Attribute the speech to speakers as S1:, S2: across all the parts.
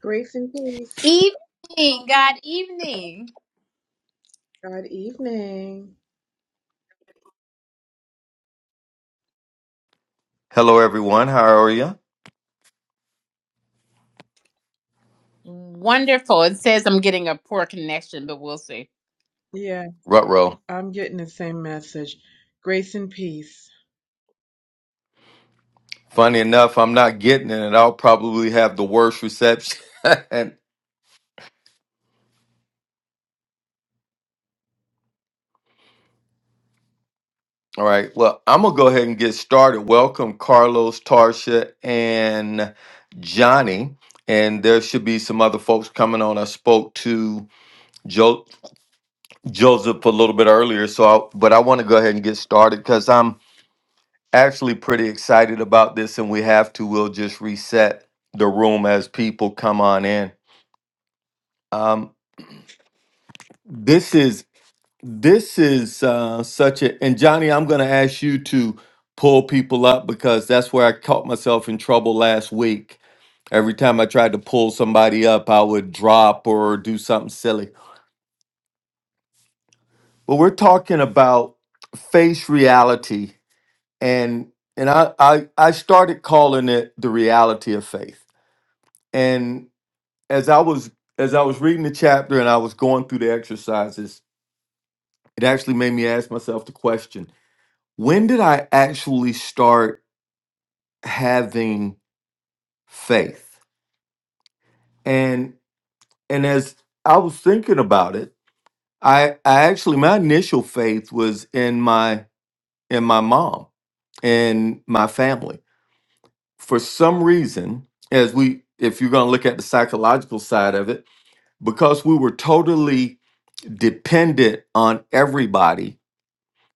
S1: Grace and peace.
S2: Evening, God evening.
S1: Good evening.
S3: Hello, everyone. How are you?
S2: Wonderful. It says I'm getting a poor connection, but we'll see.
S1: Yeah,
S3: Rutro.
S1: I'm getting the same message. Grace and peace.
S3: Funny enough, I'm not getting it, and I'll probably have the worst reception. And- All right. Well, I'm going to go ahead and get started. Welcome, Carlos, Tarsha, and Johnny. And there should be some other folks coming on. I spoke to jo- Joseph a little bit earlier, so I, but I want to go ahead and get started because I'm actually pretty excited about this, and we have to. We'll just reset the room as people come on in. Um, this is This is uh, such a and Johnny, I'm going to ask you to pull people up because that's where I caught myself in trouble last week. Every time I tried to pull somebody up, I would drop or do something silly. But we're talking about face reality and and I I, I started calling it the reality of faith. And as I was as I was reading the chapter and I was going through the exercises, it actually made me ask myself the question, when did I actually start having faith. And and as I was thinking about it, I I actually my initial faith was in my in my mom and my family. For some reason, as we if you're going to look at the psychological side of it, because we were totally dependent on everybody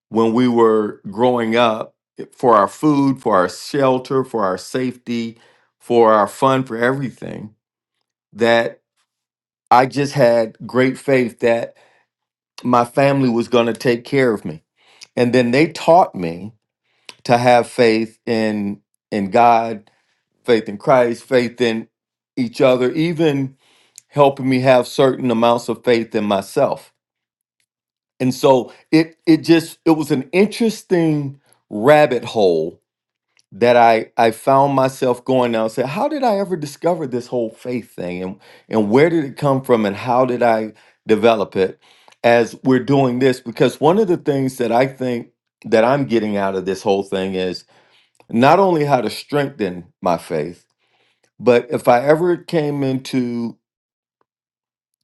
S3: when we were growing up eh, for our food, for our shelter, for our safety, for our fun, for everything. that. I just had great faith that my family was going to take care of me. And then they taught me to have faith in in God, faith in Christ, faith in each other, even helping me have certain amounts of faith in myself. And so it it just it was an interesting rabbit hole that I I found myself going now and said, how did I ever discover this whole faith thing and and where did it come from and how did I develop it as we're doing this? Because one of the things that I think that I'm getting out of this whole thing is not only how to strengthen my faith, but if I ever came into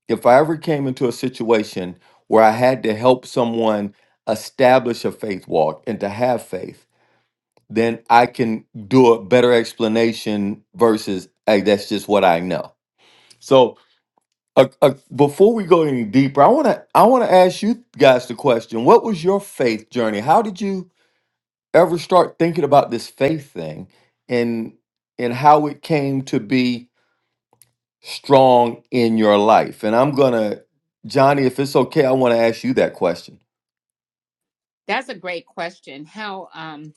S3: if I ever came into a situation where I had to help someone establish a faith walk and to have faith then I can do a better explanation versus hey, that's just what I know. So uh, uh, before we go any deeper, I want to I want to ask you guys the question: What was your faith journey? How did you ever start thinking about this faith thing, and and how it came to be strong in your life? And I'm gonna, Johnny, if it's okay, I want to ask you that question.
S2: That's a great question. How um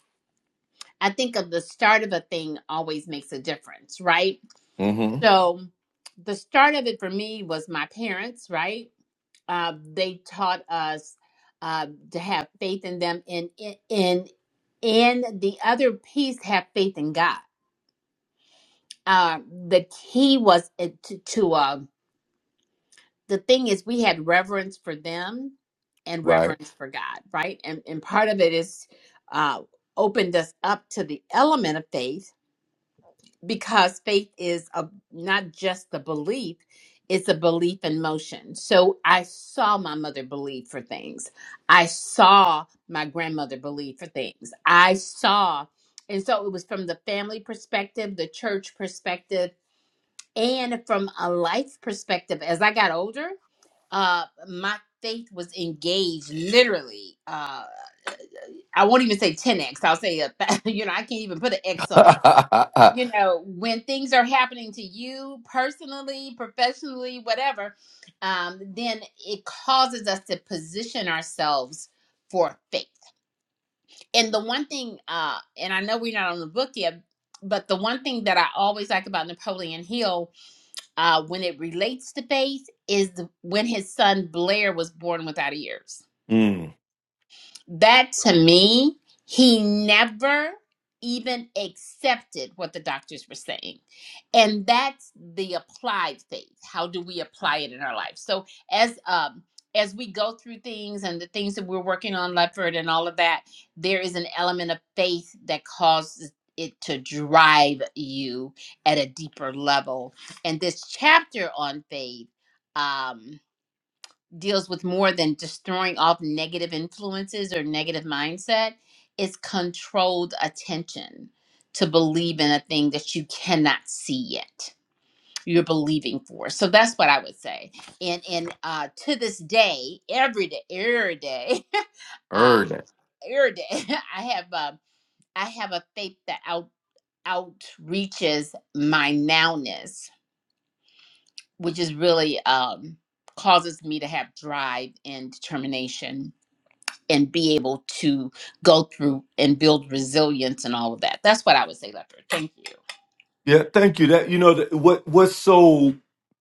S2: I think of the start of a thing always makes a difference, right?
S3: Mm-hmm.
S2: So the start of it for me was my parents, right? Uh, they taught us uh, to have faith in them, and in in and the other piece, have faith in God. Uh, the key was it to, to uh, the thing is we had reverence for them and
S3: Right.
S2: reverence for God, right? And and part of it is uh opened us up to the element of faith because faith is a not just the belief, it's a belief in motion. So I saw my mother believe for things. I saw my grandmother believe for things. I saw and so it was from the family perspective, the church perspective, and from a life perspective as I got older uh my faith was engaged literally uh i won't even say 10x i'll say a, you know i can't even put an x on it you know when things are happening to you personally professionally whatever um then it causes us to position ourselves for faith and the one thing uh and i know we're not on the book yet but the one thing that i always like about napoleon hill uh when it relates to faith is the, when his son blair was born without ears
S3: mm,
S2: That to me, he never even accepted what the doctors were saying. And that's the applied faith. How do we apply it in our life? So as um as we go through things and the things that we're working on, Lefford and all of that, there is an element of faith that causes it to drive you at a deeper level. And this chapter on faith um deals with more than destroying off negative influences or negative mindset it's controlled attention to believe in a thing that you cannot see yet you're believing for so that's what i would say and and uh to this day every day every day uh every day i have um i have a faith that out outreaches my nowness which is really um causes me to have drive and determination and be able to go through and build resilience and all of that. That's what I would say, Leopard. Thank you.
S3: Yeah, thank you. That you know th- what what's so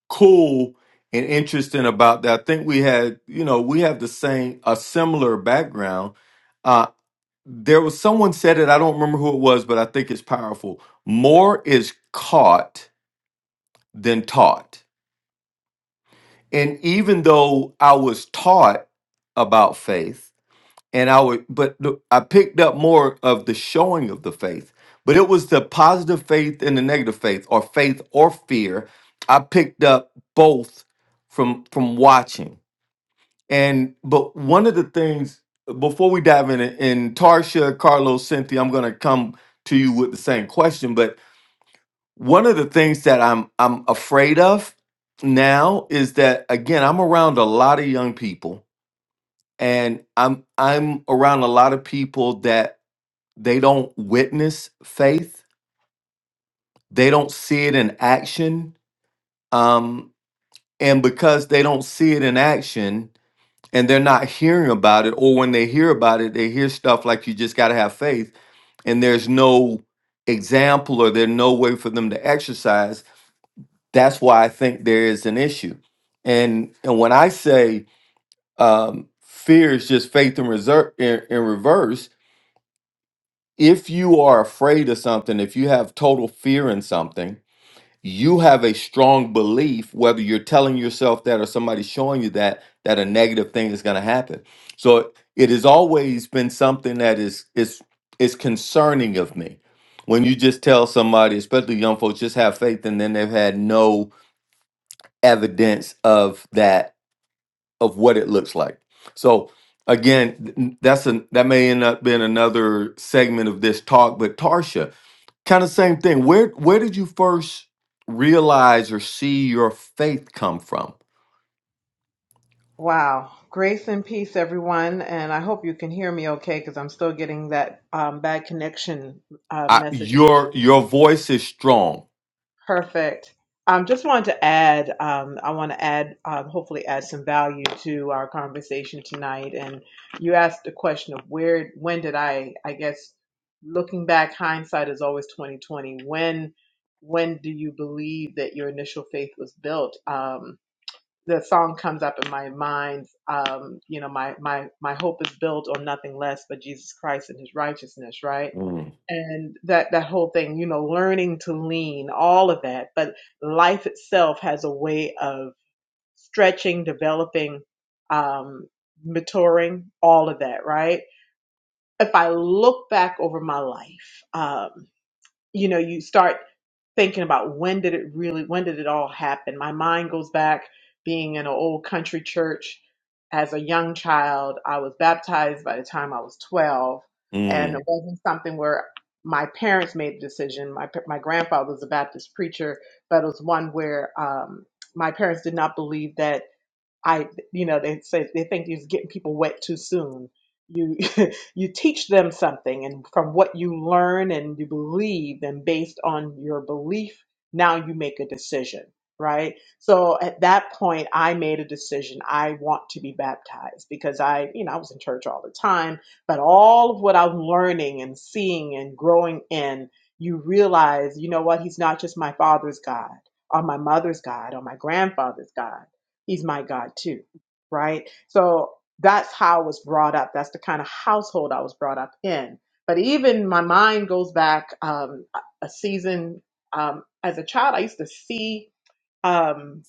S3: cool and interesting about that. I think we had you know we have the same a similar background. Uh, there was someone said it. I don't remember who it was, but I think it's powerful. More is caught than taught. And even though I was taught about faith, and I would, but the, I picked up more of the showing of the faith. But it was the positive faith and the negative faith, or faith or fear. I picked up both from from watching. And but one of the things before we dive in, in Tarsha, Carlos, Cynthia, I'm going to come to you with the same question. But one of the things that I'm I'm afraid of now is that again I'm around a lot of young people, and I'm I'm around a lot of people that they don't witness faith they don't see it in action um, and because they don't see it in action and they're not hearing about it or when they hear about it they hear stuff like you just got to have faith and there's no example or there's no way for them to exercise that's why i think there is an issue and and when i say um, fear is just faith in, reser- in, in reverse if you are afraid of something if you have total fear in something you have a strong belief, whether you're telling yourself that or somebody's showing you that, that a negative thing is going to happen. So it has always been something that is is is concerning of me. When you just tell somebody, especially young folks, just have faith, and then they've had no evidence of that of what it looks like. So again, that's an that may end up being another segment of this talk. But Tarsha, kind of same thing. Where where did you first realize or see your faith come from?
S1: Wow. Grace and peace, everyone. And I hope you can hear me okay because I'm still getting that um, bad connection uh,
S3: I,
S1: message.
S3: your your voice is strong.
S1: Perfect. Um, just wanted to add, um, I want to add, um, hopefully add some value to our conversation tonight. And you asked the question of where, when did I, I guess, looking back, hindsight is always 2020. When, when do you believe that your initial faith was built? Um, the song comes up in my mind. Um, you know, my, my, my hope is built on nothing less but Jesus Christ and his righteousness, right?
S3: Mm.
S1: and that that whole thing you know learning to lean all of that but life itself has a way of stretching developing um maturing all of that right if i look back over my life um you know you start thinking about when did it really when did it all happen my mind goes back being in an old country church as a young child i was baptized by the time i was 12 and it
S3: Mm.
S1: wasn't something where my parents made the decision my pa- my grandfather was a baptist preacher but it was one where um my parents did not believe that I, you know, they say they think you're getting people wet too soon. You you teach them something, and from what you learn and you believe, and based on your belief, now you make a decision, right? So at that point, I made a decision. I want to be baptized because I, you know, I was in church all the time, but all of what I'm learning and seeing and growing in, you realize, you know what? He's not just my father's God, or my mother's God, or my grandfather's God he's my God too, right? So that's how I was brought up. That's the kind of household I was brought up in. But even my mind goes back um, a season um, as a child. I used to see. Um,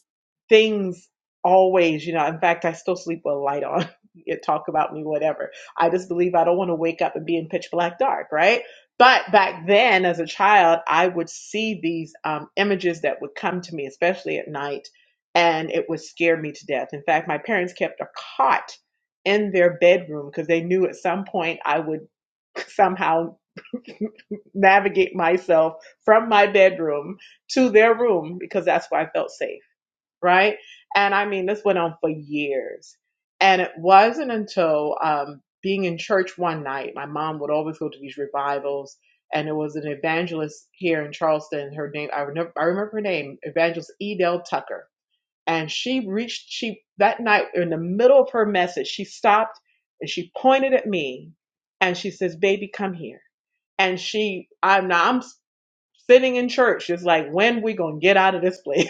S1: things always, you know, in fact, I still sleep with a light on. You talk about me, whatever. I just believe I don't want to wake up and be in pitch black dark, right? But back then, as a child, I would see these um, images that would come to me, especially at night, and it would scare me to death. In fact, my parents kept a cot in their bedroom because they knew at some point I would somehow navigate myself from my bedroom to their room because that's where I felt safe right? And I mean, this went on for years. And it wasn't until um, being in church one night, my mom would always go to these revivals, and there was an evangelist here in Charleston. Her name, I remember, I remember her name, Evangelist Edel Tucker. And she reached, she that night in the middle of her message, she stopped and she pointed at me, and she says, "Baby, come here." And she, I'm now, I'm sitting in church, just like, when we gonna get out of this place?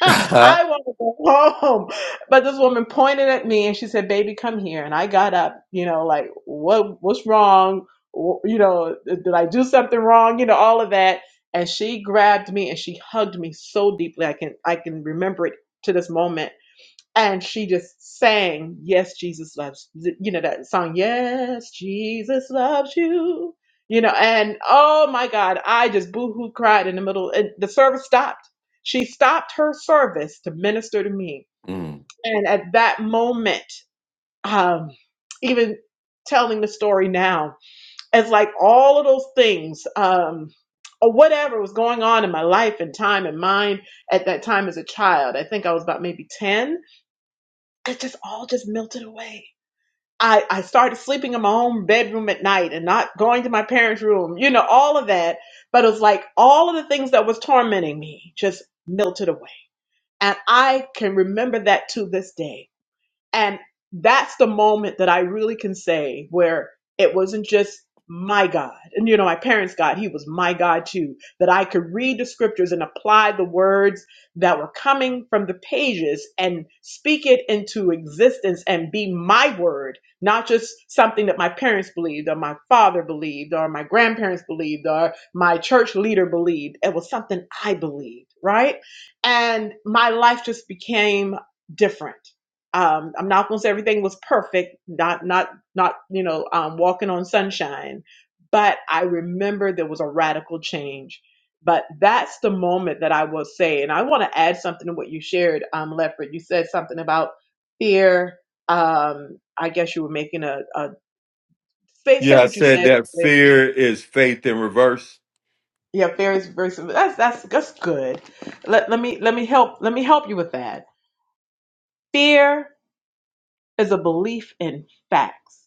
S1: I want to go home. But this woman pointed at me and she said, "Baby, come here." And I got up, you know, like what what's wrong? Wh- You know, did I do something wrong? You know, all of that. And she grabbed me and she hugged me so deeply. I can I can remember it to this moment and she just sang yes jesus loves you know that song yes jesus loves you you know and oh my god i just boohoo cried in the middle and the service stopped she stopped her service to minister to me
S3: Mm.
S1: and at that moment um even telling the story now as like all of those things um or whatever was going on in my life and time and mind at that time as a child i think i was about maybe 10 it just all just melted away. I, I started sleeping in my own bedroom at night and not going to my parents' room, you know, all of that. But it was like all of the things that was tormenting me just melted away. And I can remember that to this day and that's the moment that I really can say where it wasn't just my God. And you know, my parents' God, he was my God too. That I could read the scriptures and apply the words that were coming from the pages and speak it into existence and be my word, not just something that my parents believed or my father believed or my grandparents believed or my church leader believed. It was something I believed, right? And my life just became different um, I'm not going to say everything was perfect, not not not you know um, walking on sunshine, but I remember there was a radical change. But that's the moment that I will say, and I want to add something to what you shared, um, Leopard. You said something about fear. Um, I guess you were making a, a say, say
S3: Yeah, I
S1: what you
S3: said
S1: said.
S3: that fear is faith in reverse.
S1: Yeah, fear is versus that's that's that's good. Let let me let me help let me help you with that. Fear is a belief in facts.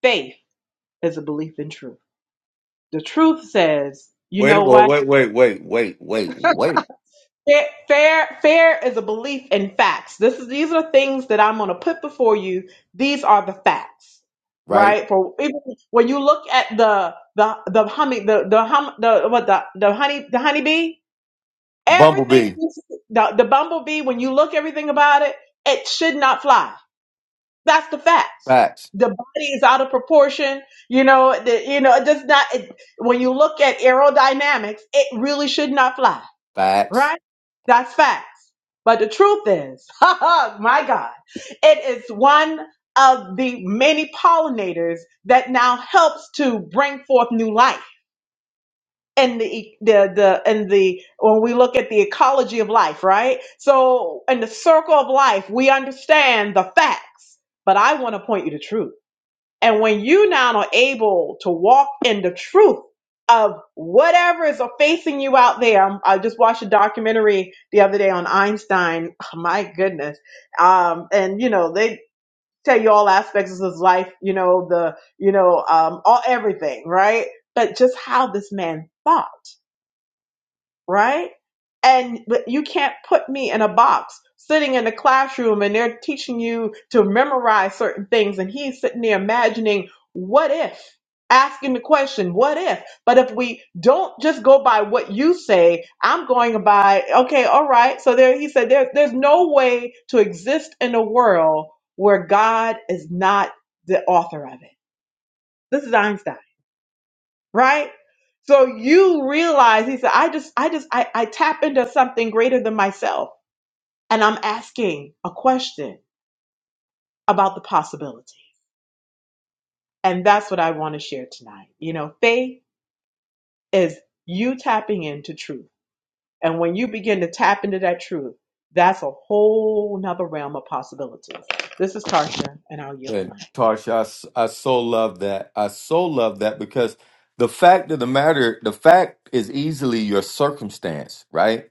S1: Faith is a belief in truth. The truth says, you
S3: Wait,
S1: know
S3: well,
S1: what?
S3: wait, wait, wait, wait, wait, wait.
S1: Fair, fair, fair is a belief in facts. This is these are things that I'm going to put before you. These are the facts,
S3: Right,
S1: right? For even when you look at the the the honey the the hum, the what the the honey the honeybee, everything
S3: Bumblebee.
S1: you see- the the bumblebee. When you look everything about it, it should not fly That's the facts.
S3: Facts,
S1: The body is out of proportion. You know, the, you know, it does not. It, when you look at aerodynamics, it really should not fly,
S3: facts.
S1: right? That's facts. But the truth is, my God, it is one of the many pollinators that now helps to bring forth new life. And the e, the the and the when we look at the ecology of life, right? So in the circle of life, we understand the facts, but I want to point you to truth. And when you now are able to walk in the truth of whatever is facing you out there, I just watched a documentary the other day on Einstein. Oh, my goodness. Um, and you know, they tell you all aspects of his life, you know, the, you know, um, all everything, right? But just how this man thought right? And but you can't put me in a box sitting in a classroom and they're teaching you to memorize certain things and he's sitting there imagining what if asking the question what if but if we don't just go by what you say i'm going by okay all right so there he said there, there's no way to exist in a world where god is not the author of it this is einstein right? So you realize he said, I just, I just, I, I tap into something greater than myself. And I'm asking a question about the possibility. And that's what I want to share tonight. You know, faith is you tapping into truth. And when you begin to tap into that truth, that's a whole nother realm of possibilities. This is Tarsha, and I'll yield the
S3: And
S1: mic.
S3: Tarsha, I, s- I so love that. I so love that because the fact of the matter, the fact is easily your circumstance, right?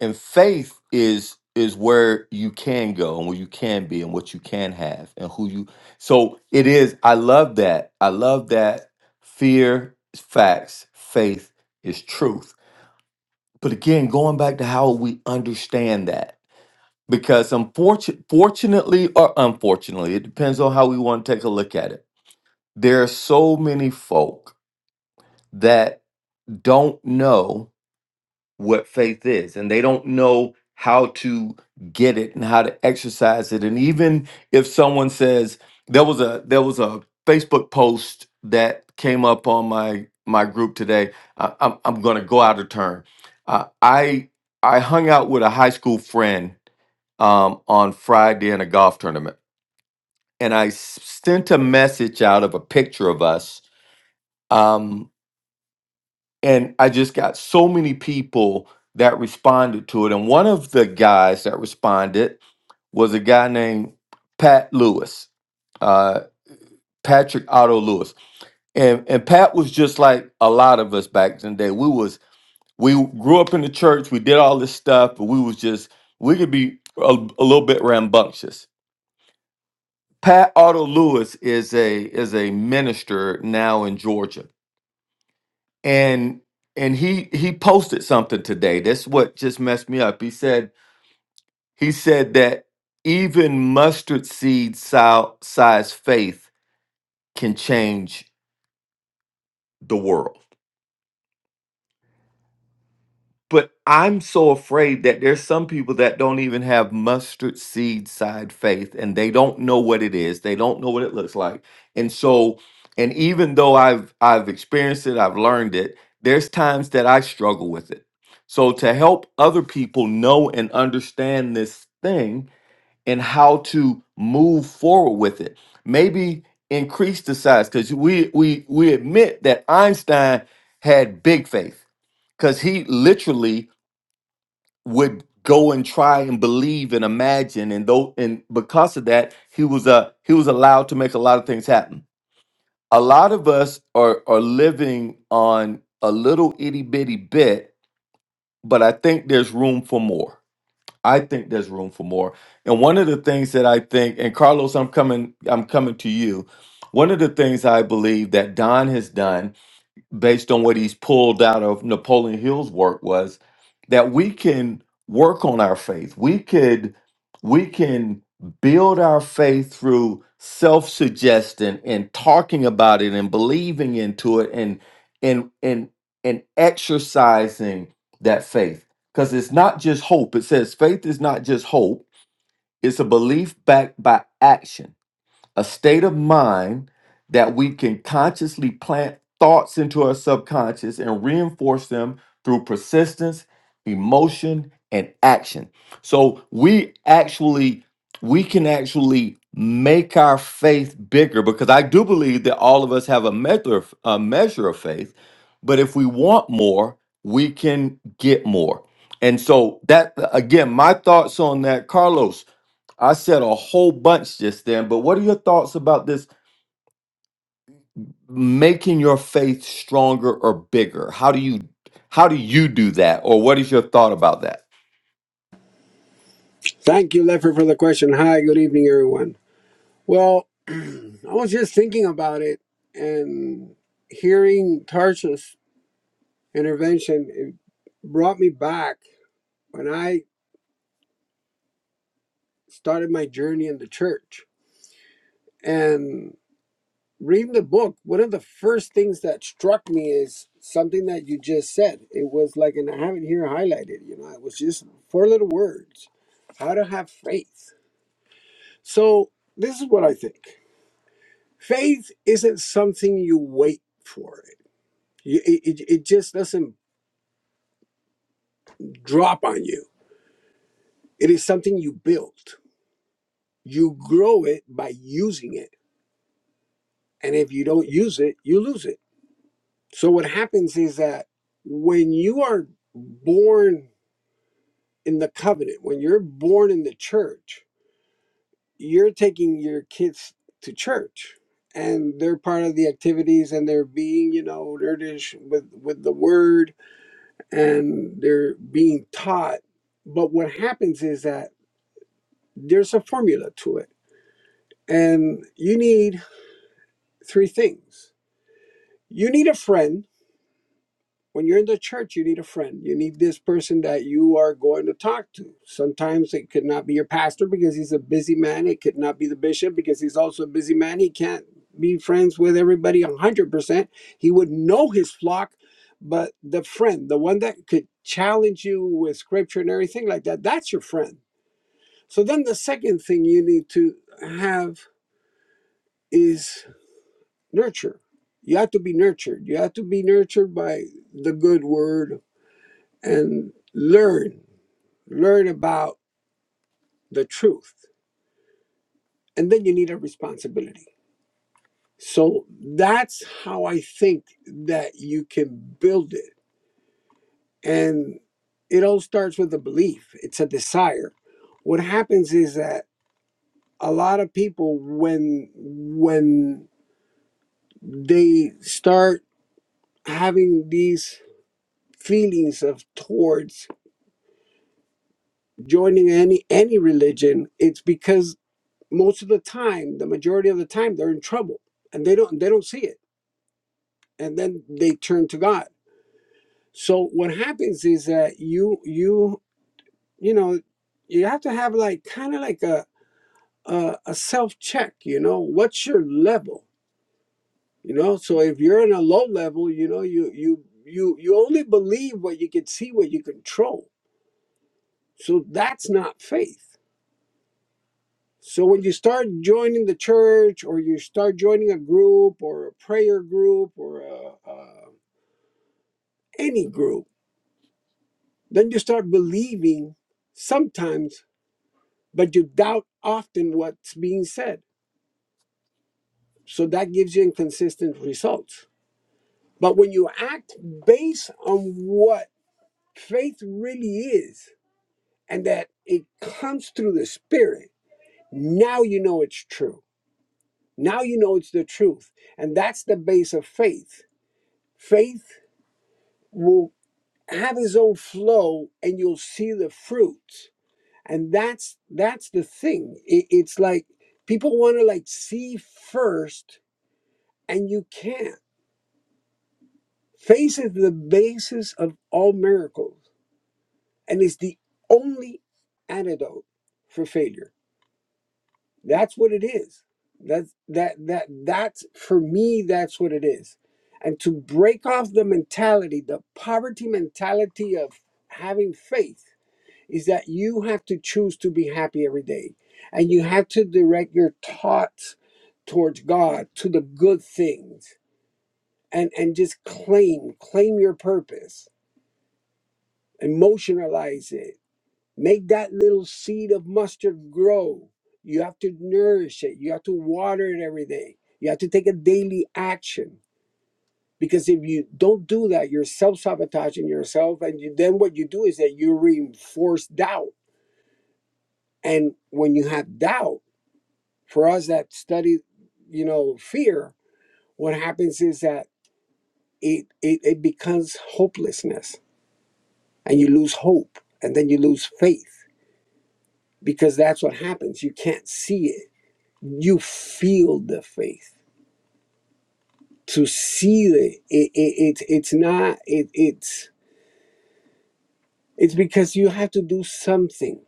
S3: And faith is is where you can go and where you can be and what you can have and who you. So it is. I love that. I love that. Fear is facts. Faith is truth. But again, going back to how we understand that, because unfortunately, fortunately or unfortunately, it depends on how we want to take a look at it there are so many folk that don't know what faith is and they don't know how to get it and how to exercise it and even if someone says there was a there was a facebook post that came up on my my group today I, i'm, I'm going to go out of turn uh, i i hung out with a high school friend um, on friday in a golf tournament and i s- sent a message out of a picture of us Um, and I just got so many people that responded to it. And one of the guys that responded was a guy named Pat Lewis, uh, Patrick Otto Lewis, and and Pat was just like a lot of us back in the day. We was we grew up in the church. We did all this stuff, but we was just we could be a, a little bit rambunctious. Pat Otto Lewis is a is a minister now in Georgia and and he he posted something today that's what just messed me up he said he said that even mustard seed si- size faith can change the world But I'm so afraid that there's some people that don't even have mustard seed side faith and they don't know what it is. They don't know what it looks like. And so, and even though I've I've experienced it, I've learned it, there's times that I struggle with it. So to help other people know and understand this thing and how to move forward with it. Maybe increase the size because we we we admit that Einstein had big faith because he literally would go and try and believe and imagine and though and because of that he was a he was allowed to make a lot of things happen a lot of us are are living on a little itty bitty bit but i think there's room for more i think there's room for more and one of the things that i think and carlos i'm coming i'm coming to you one of the things i believe that don has done based on what he's pulled out of Napoleon Hill's work was that we can work on our faith. We could we can build our faith through self-suggestion and talking about it and believing into it and and and and exercising that faith. Because it's not just hope. It says faith is not just hope. It's a belief backed by action a state of mind that we can consciously plant thoughts into our subconscious and reinforce them through persistence, emotion, and action. So we actually we can actually make our faith bigger because I do believe that all of us have a measure of, a measure of faith, but if we want more, we can get more. And so that again, my thoughts on that, Carlos. I said a whole bunch just then, but what are your thoughts about this making your faith stronger or bigger? How do you how do you do that? Or what is your thought about that?
S4: Thank you, Lefford, for the question. Hi, good evening, everyone. Well, I was just thinking about it and hearing Tarsha's intervention it brought me back when I started my journey in the church. And reading the book, one of the first things that struck me is something that you just said. It was like, and I have it here highlighted, you know, it was just four little words how to have faith. So, this is what I think. faith isn't something you wait for it. You- It, it, it just doesn't drop on you. It is something you build. You grow it by using it. And if you don't use it, you lose it. So what happens is that when you are born in the covenant, when you're born in the church, you're taking your kids to church and they're part of the activities and they're being, you know, nerdish with, with the word and they're being taught. But what happens is that there's a formula to it. And you need three things. You need a friend. When you're in the church, you need a friend. You need this person that you are going to talk to. Sometimes it could not be your pastor because he's a busy man. It could not be the bishop because he's also a busy man. He can't be friends with everybody 100%. He would know his flock, but the friend, the one that could challenge you with scripture and everything like that, that's your friend So then the second thing you need to have is nurture. You have to be nurtured. You have to be nurtured by the good word and learn, learn about the truth. And then you need a responsibility. So that's how I think that you can build it. And it all starts with a belief, it's a desire. What happens is that a lot of people when when they start having these feelings of towards joining any any religion it's because most of the time the majority of the time they're in trouble and they don't they don't see it and then they turn to god so what happens is that you you you know you have to have like kind of like a a, a self check you know what's your level you know so if you're in a low level you know you you you you only believe what you can see what you control so that's not faith So when you start joining the church or you start joining a group or a prayer group or a, a, any group, then you start believing sometimes, but you doubt often what's being said. So that gives you inconsistent results. But when you act based on what faith really is and that it comes through the Spirit, now you know it's true. Now you know it's the truth. And that's the base of faith. Faith will have his own flow and you'll see the fruit and that's that's the thing it, it's like people want to like see first and you can't faith is the basis of all miracles and is the only antidote for failure that's what it is that's that that that's for me that's what it is and to break off the mentality the poverty mentality of having faith is that you have to choose to be happy every day and you have to direct your thoughts towards god to the good things and and just claim claim your purpose emotionalize it make that little seed of mustard grow you have to nourish it you have to water it every day you have to take a daily action because if you don't do that you're self-sabotaging yourself and you, then what you do is that you reinforce doubt and when you have doubt for us that study you know fear what happens is that it, it it becomes hopelessness and you lose hope and then you lose faith because that's what happens you can't see it you feel the faith to see it, it, it, it it's not it, it's it's because you have to do something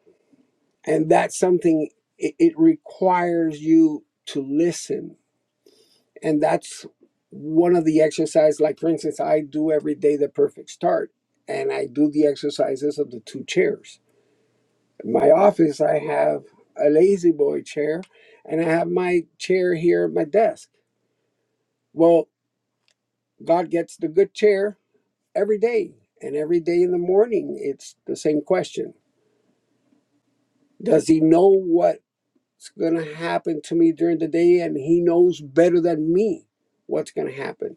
S4: and that something it, it requires you to listen And that's one of the exercises, like for instance, I do every day the perfect start, and I do the exercises of the two chairs. In my office, I have a lazy boy chair, and I have my chair here at my desk. Well, God gets the good chair every day, and every day in the morning, it's the same question Does he know what's going to happen to me during the day? And he knows better than me what's going to happen,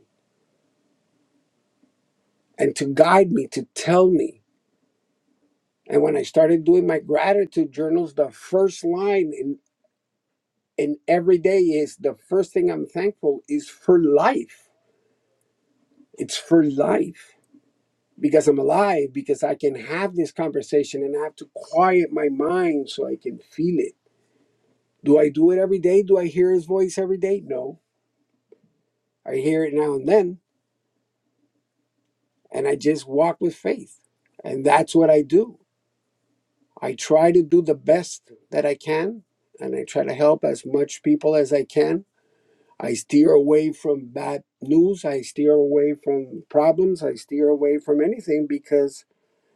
S4: and to guide me, to tell me And when I started doing my gratitude journals, the first line in, in every day is the first thing I'm thankful is for life. It's for life because I'm alive, because I can have this conversation and I have to quiet my mind so I can feel it. Do I do it every day? Do I hear his voice every day? No. I hear it now and then, and I just walk with faith. And that's what I do. I try to do the best that I can, and I try to help as much people as I can I steer away from bad news. I steer away from problems. I steer away from anything because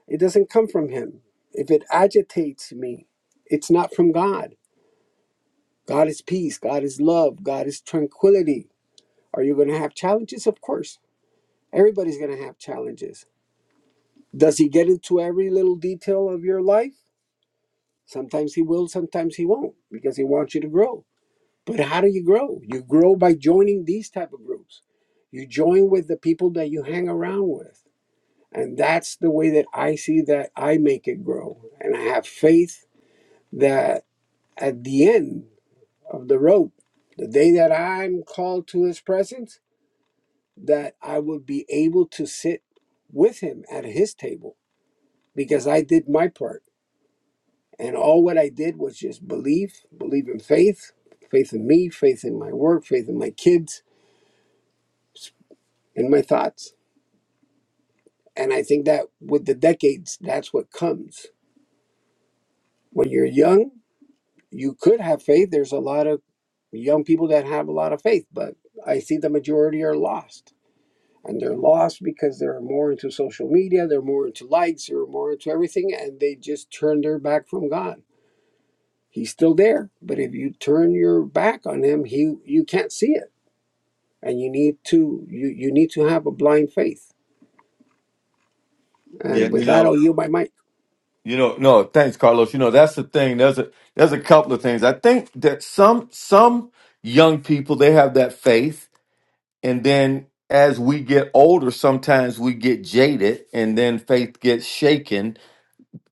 S4: it doesn't come from Him. If it agitates me, it's not from God. God is peace. God is love. God is tranquility. Are you going to have challenges? Of course. Everybody's going to have challenges. Does He get into every little detail of your life? Sometimes He will, sometimes He won't because He wants you to grow But how do you grow? You grow by joining these type of groups. You join with the people that you hang around with. And that's the way that I see that I make it grow. And I have faith that at the end of the road, the day that I'm called to his presence, that I would be able to sit with him at his table because I did my part. And all what I did was just believe, believe in faith, faith in me, faith in my work, faith in my kids, in my thoughts. And I think that with the decades, that's what comes. When you're young, you could have faith. There's a lot of young people that have a lot of faith, but I see the majority are lost. And they're lost because they're more into social media, they're more into likes, they're more into everything, and they just turn their back from God. He's still there, but if you turn your back on him, he you can't see it. And you need to you you need to have a blind faith.
S3: Yeah,
S4: And
S3: you
S4: with that,
S3: know,
S4: I'll yield my mic.
S3: you know, no, thanks, Carlos. You know, that's the thing. There's a there's a couple of things. I think that some some young people they have that faith, and then as we get older, sometimes we get jaded, and then faith gets shaken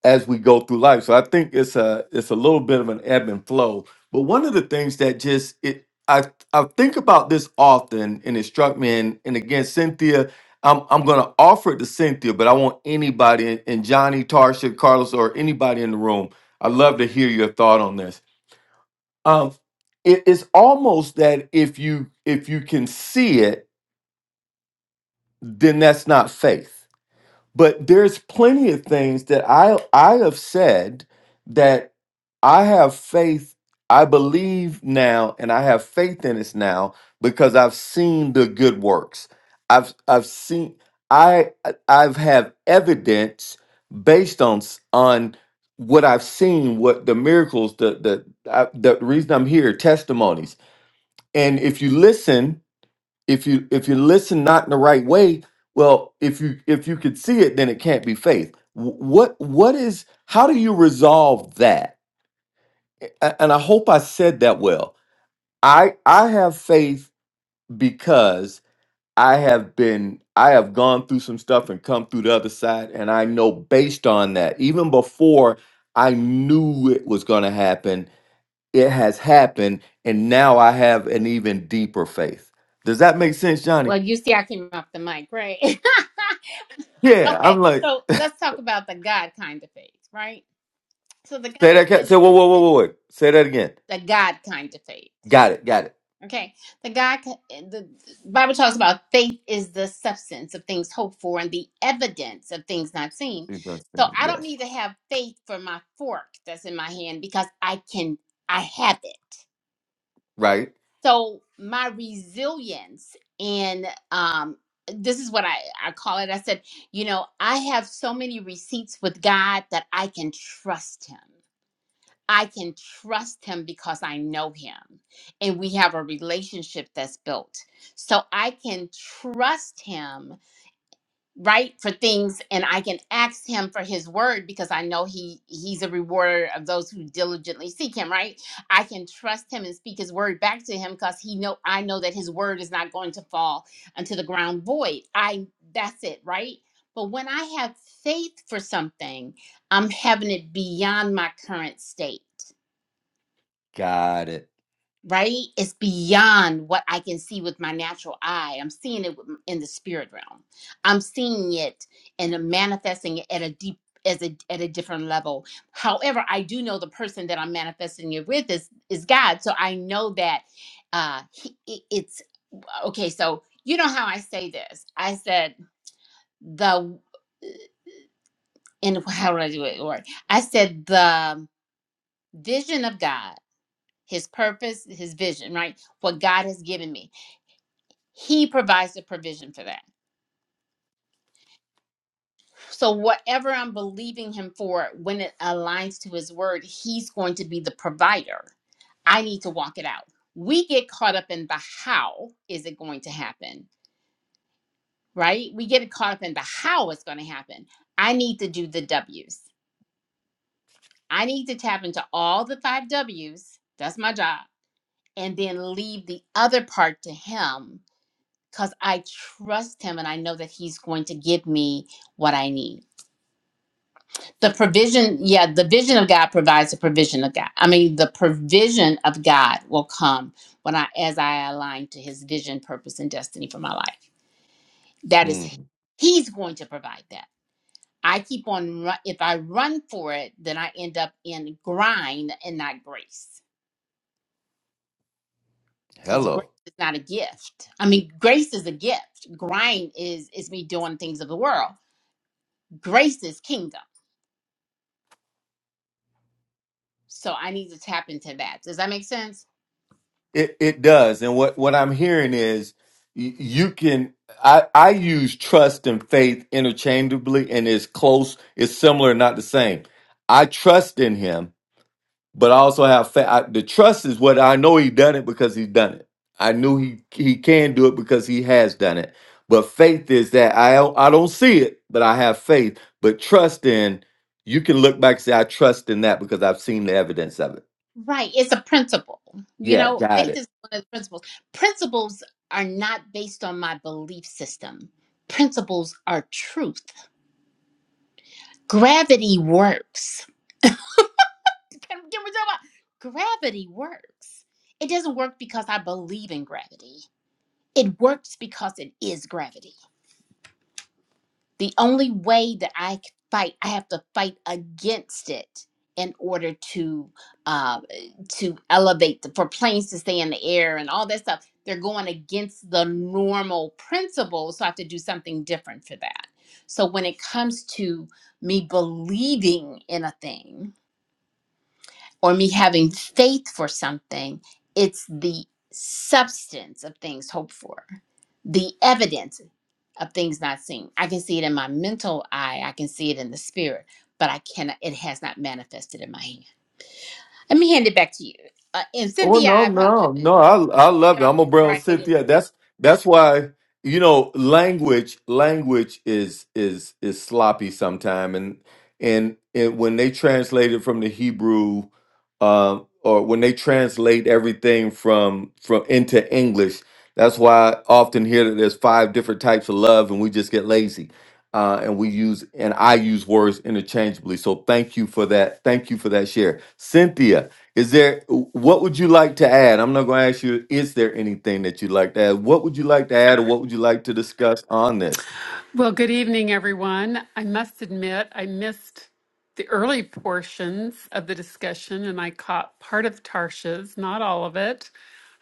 S3: as we go through life. So I think it's a it's a little bit of an ebb and flow. But one of the things that just it I I think about this often and it struck me and, and again Cynthia I'm I'm gonna offer it to Cynthia, but I want anybody and and Johnny, Tarsha, Carlos, or anybody in the room. I'd love to hear your thought on this. Um it, it's almost that if you if you can see it, then that's not faith but there's plenty of things that I I have said that I have faith I believe now and I have faith in this now because I've seen the good works. I've I've seen I I- I've have evidence based on s- on what I've seen, what the miracles, the the I, the reason I'm here, testimonies. And if you listen if you if you listen not in the right way well if you if you could see it then it can't be faith Wh- what what is how do you resolve that A- and i hope i said that well i i have faith because i have been i have gone through some stuff and come through the other side and i know based on that even before i knew it was going to happen it has happened and now i have an even deeper faith does that make sense johnny
S2: Well, you see, I came off the mic. right?
S3: yeah i'm
S2: okay,
S3: like
S2: so let's talk about the God kind of faith, right? So the God
S3: Say that. ca-
S2: kind
S3: Say
S2: of
S3: whoa, whoa, whoa, whoa, whoa. Say that again.
S2: the God kind of faith.
S3: Got it. Got it.
S2: Okay, the God the Bible talks about faith is the substance of things hoped for and the evidence of things not seen. So
S3: Interesting.
S2: I don't
S3: Yes.
S2: need to have faith for my fork that's in my hand because I can I have it.
S3: Right.
S2: so my resilience and um this is what I, I call it. I said, you know, I have so many receipts with God that I can trust him. I can trust him because I know him and we have a relationship that's built. So I can trust him right for things and i can ask him for his word because i know he he's a rewarder of those who diligently seek him right i can trust him and speak his word back to him because he know i know that his word is not going to fall unto the ground void i that's it right but when i have faith for something i'm having it beyond my current state
S3: Got it.
S2: right? It's beyond what I can see with my natural eye. I'm seeing it with- in the spirit realm. I'm seeing it and I'm manifesting it at a deep as a at a different level. However, I do know the person that I'm manifesting it with is is God. So I know that uh he, it- it's okay. So you know how I say this. I said the and how would I do it, Lord? I said the vision of God, His purpose, His vision, right? What God has given me. he provides the provision for that. So, whatever I'm believing him for, when it aligns to his word, he's going to be the provider. I need to walk it out. We get caught up in the how is it going to happen, right? We get caught up in the how it's going to happen. I need to do the W's. I need to tap into all the five W's. That's my job. And then leave the other part to him because I trust him and I know that he's going to give me what I need. The provision, yeah, the vision of God provides the provision of God. I mean, the provision of God will come when I, as I align to His vision, purpose, and destiny for my life. That is,
S3: Mm.
S2: He's going to provide that. I keep on run, if I run for it, then I end up in grind and not grace, because grace
S3: Hello.
S2: is not a gift. I mean, grace is a gift. Grind is is me doing things of the world. Grace is kingdom. So I need to tap into that. Does that make sense?
S3: It it does. And what what I'm hearing is y- you can. I I use trust and faith interchangeably, and it's close. It's similar, not the same. I trust in Him but I also have fa- I, the trust is what I know he done it because he's done it. I knew he he can do it because he has done it. But faith is that I don't- I don't see it, but I have faith. But trust in you can look back and say I trust in that because I've seen the evidence of it.
S2: Right. It's a principle. You
S3: Yeah,
S2: know,
S3: got
S2: faith
S3: it.
S2: is one of the principles. Principles are not based on my belief system. Principles are truth. Gravity works. Can, can we talk about gravity works? It doesn't work because I believe in gravity. It works because it is gravity. The only way that I c- fight, I have to fight against it in order to uh, to elevate the, for planes to stay in the air and all that stuff. They're going against the normal principles, so I have to do something different for that. So when it comes to me believing in a thing, or me having faith for something, it's the substance of things hoped for, the evidence of things not seen. I can see it in my mental eye, I can see it in the spirit, but I cannot, it has not manifested in my hand. Let me hand it back to you. Uh, and
S3: Oh
S2: Cynthia,
S3: no,
S2: I
S3: no,
S2: apologize.
S3: no! I I love it. I'm
S2: Jump
S3: a brown
S2: right in.
S3: Cynthia. That's that's why you know language language is is is sloppy sometimes, and and and when they translate it from the Hebrew, um, or when they translate everything from from into English, that's why I often hear that there's five different types of love, and we just get lazy, uh, and we use and I use words interchangeably. So thank you for that. Thank you for that share, Cynthia. Is there what would you like to add? I'm not going to ask you. Is there anything that you'd like to add? What would you like to add, or what would you like to discuss on this?
S5: Well, good evening, everyone. I must admit, I missed the early portions of the discussion and I caught part of Tarsha's, not all of it.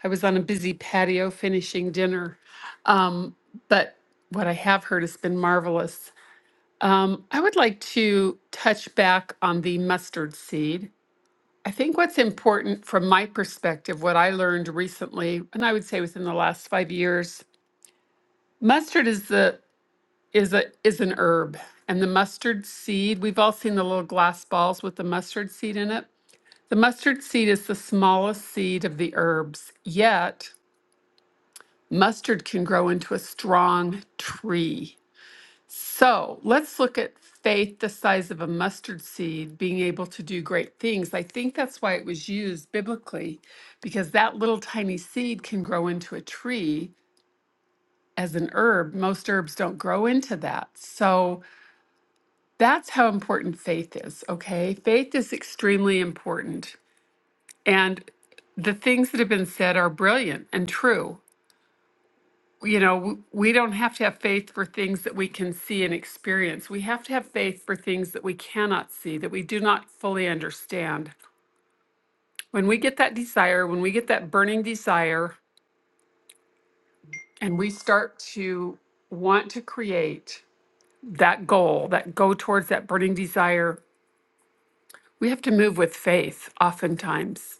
S5: I was on a busy patio finishing dinner. Um, but what I have heard has been marvelous. Um, I would like to touch back on the mustard seed. I think what's important from my perspective, what I learned recently, and I would say within the last five years, mustard is the is a is an herb. And the mustard seed, we've all seen the little glass balls with the mustard seed in it. The mustard seed is the smallest seed of the herbs, yet mustard can grow into a strong tree. So let's look at faith the size of a mustard seed being able to do great things. I think that's why it was used biblically, because that little tiny seed can grow into a tree as an herb. Most herbs don't grow into that. So That's how important faith is, okay? Faith is extremely important. And the things that have been said are brilliant and true. You know, w- we don't have to have faith for things that we can see and experience. We have to have faith for things that we cannot see, that we do not fully understand. When we get that desire, when we get that burning desire, and we start to want to create that goal, that go towards that burning desire, we have to move with faith oftentimes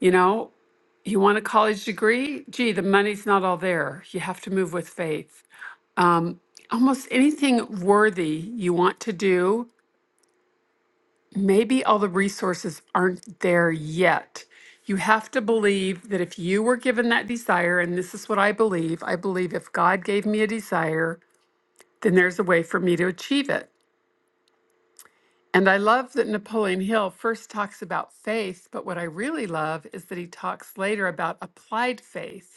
S5: You know, you want a college degree? Gee, the money's not all there. You have to move with faith. Um, almost anything worthy you want to do, maybe all the resources aren't there yet. You have to believe that if you were given that desire, and this is what I believe I believe if God gave me a desire, then there's a way for me to achieve it. And I love that Napoleon Hill first talks about faith, but what I really love is that he talks later about applied faith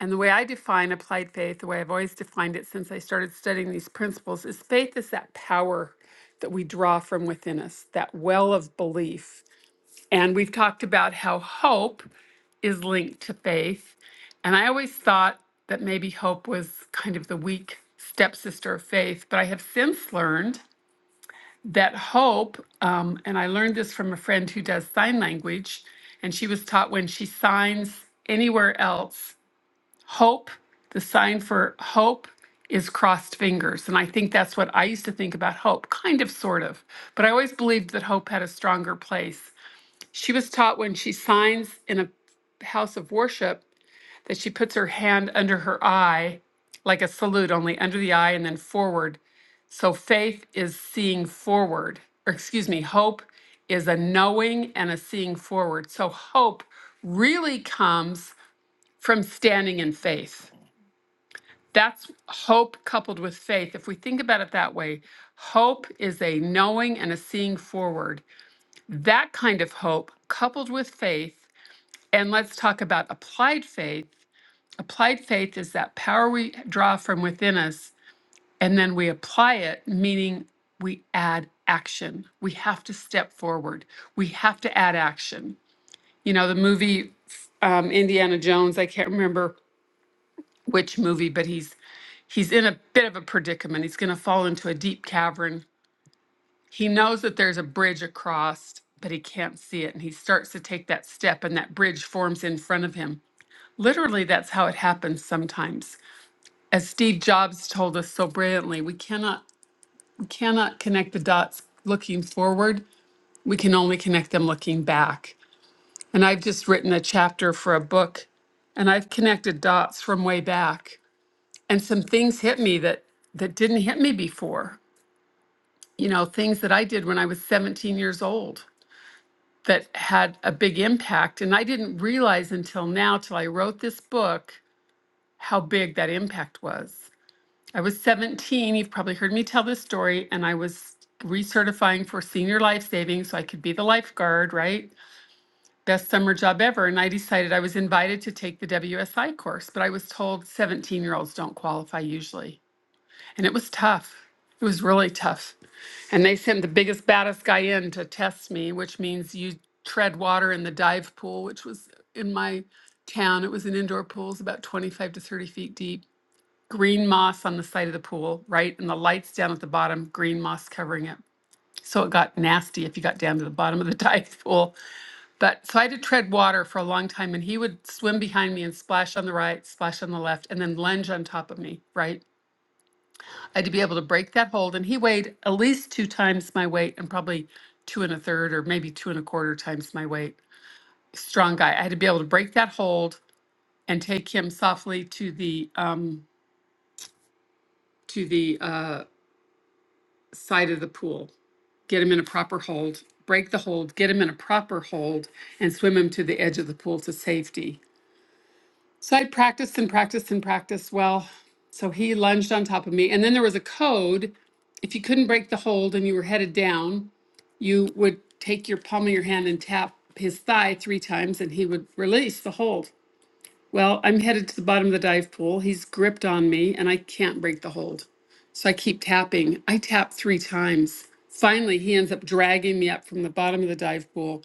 S5: And the way I define applied faith, the way I've always defined it since I started studying these principles, is faith is that power that we draw from within us, that well of belief. And we've talked about how hope is linked to faith. And I always thought that maybe hope was kind of the weak stepsister of faith, but I have since learned that hope, um, and I learned this from a friend who does sign language, and she was taught when she signs anywhere else, hope, the sign for hope is crossed fingers. And I think that's what I used to think about hope, kind of, sort of. But I always believed that hope had a stronger place. She was taught when she signs in a house of worship that she puts her hand under her eye, like a salute, only under the eye and then forward. So faith is seeing forward, or excuse me, hope is a knowing and a seeing forward. So hope really comes from standing in faith. That's hope coupled with faith. If we think about it that way, hope is a knowing and a seeing forward. That kind of hope coupled with faith, and let's talk about applied faith. Applied faith is that power we draw from within us and then we apply it, meaning we add action. We have to step forward, we have to add action. You know, the movie um, Indiana Jones, I can't remember which movie, but he's He's in a bit of a predicament. He's going to fall into a deep cavern. He knows that there's a bridge across, but he can't see it. And he starts to take that step, and that bridge forms in front of him. Literally, that's how it happens sometimes. As Steve Jobs told us so brilliantly, we cannot we cannot connect the dots looking forward. We can only connect them looking back. And I've just written a chapter for a book and I've connected dots from way back. And some things hit me that that didn't hit me before. you know, things that I did when I was 17 years old that had a big impact. And I didn't realize until now, till I wrote this book, how big that impact was. I was 17. You've probably heard me tell this story. And I was recertifying for senior life saving so I could be the lifeguard, right? Best summer job ever. And I decided I was invited to take the WSI course, but I was told 17 year olds don't qualify usually. And it was tough. It was really tough. And they sent the biggest, baddest guy in to test me, which means you tread water in the dive pool, which was in my town. It was an indoor pool, it's about 25 to 30 feet deep. Green moss on the side of the pool, right? And the lights down at the bottom, green moss covering it. So it got nasty if you got down to the bottom of the dive pool. But so I had to tread water for a long time, and he would swim behind me and splash on the right, splash on the left, and then lunge on top of me, right? I had to be able to break that hold, and he weighed at least two times my weight and probably two and a third or maybe two and a quarter times my weight. Strong guy. I had to be able to break that hold and take him softly to the um, to the uh, side of the pool, get him in a proper hold, break the hold, get him in a proper hold, and swim him to the edge of the pool to safety. So I practiced and practiced and practiced. Well, so he lunged on top of me, and then there was a code if you couldn't break the hold and you were headed down, you would take your palm of your hand and tap his thigh three times and he would release the hold. Well, I'm headed to the bottom of the dive pool. He's gripped on me and I can't break the hold. So I keep tapping. I tap three times. Finally, he ends up dragging me up from the bottom of the dive pool,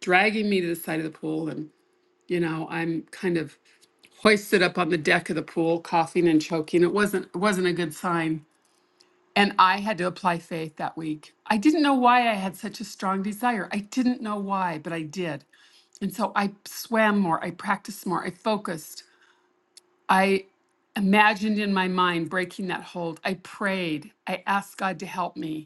S5: dragging me to the side of the pool. And, you know, I'm kind of hoisted up on the deck of the pool, coughing and choking. It wasn't, it wasn't a good sign. And I had to apply faith that week. I didn't know why I had such a strong desire. I didn't know why, but I did. And so I swam more, I practiced more, I focused. I imagined in my mind breaking that hold. I prayed. I asked God to help me.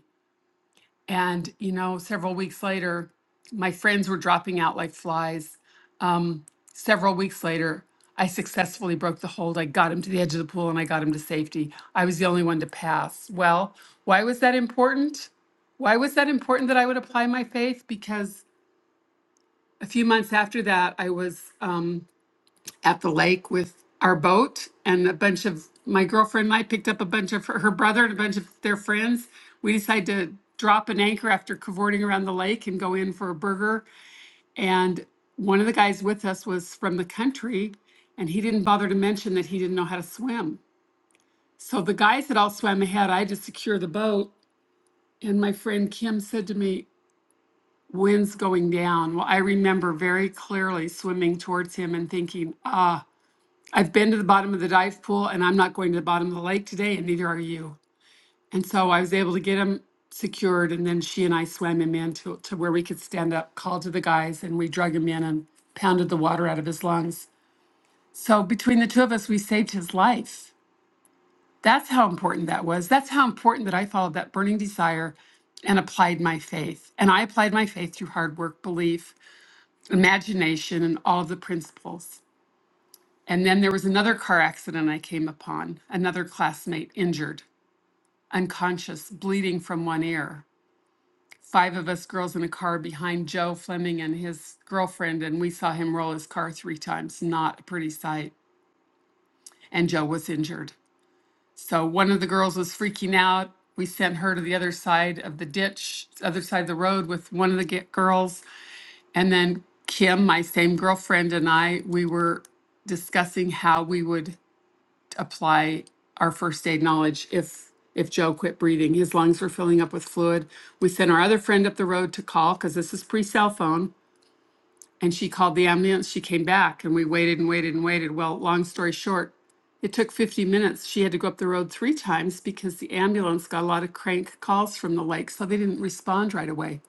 S5: And, you know, several weeks later, my friends were dropping out like flies. Um, several weeks later, I successfully broke the hold. I got him to the edge of the pool and I got him to safety. I was the only one to pass. Well, why was that important? Why was that important that I would apply my faith? Because a few months after that, I was. Um, at the lake with our boat and a bunch of my girlfriend and I picked up a bunch of her, her brother and a bunch of their friends. We decided to drop an anchor after cavorting around the lake and go in for a burger. And one of the guys with us was from the country and he didn't bother to mention that he didn't know how to swim. So the guys had all swam ahead. I had to secure the boat. And my friend Kim said to me, Wind's going down. Well, I remember very clearly swimming towards him and thinking, ah, I've been to the bottom of the dive pool and I'm not going to the bottom of the lake today and neither are you. And so I was able to get him secured and then she and I swam him in to, to where we could stand up, called to the guys and we drug him in and pounded the water out of his lungs. So between the two of us, we saved his life. That's how important that was. That's how important that I followed that burning desire and applied my faith. And I applied my faith through hard work, belief, imagination, and all of the principles. And then there was another car accident I came upon, another classmate injured, unconscious, bleeding from one ear. Five of us girls in a car behind Joe Fleming and his girlfriend, and we saw him roll his car three times. Not a pretty sight. And Joe was injured. So one of the girls was freaking out. We sent her to the other side of the ditch, other side of the road with one of the ge- girls. And then Kim, my same girlfriend, and I, we were discussing how we would apply our first aid knowledge if if Joe quit breathing. His lungs were filling up with fluid. We sent our other friend up the road to call because this is pre cell phone, and she called the ambulance. She came back, and we waited and waited and waited. Well, long story short, it took 50 minutes. She had to go up the road three times because the ambulance got a lot of crank calls from the lake, so they didn't respond right away.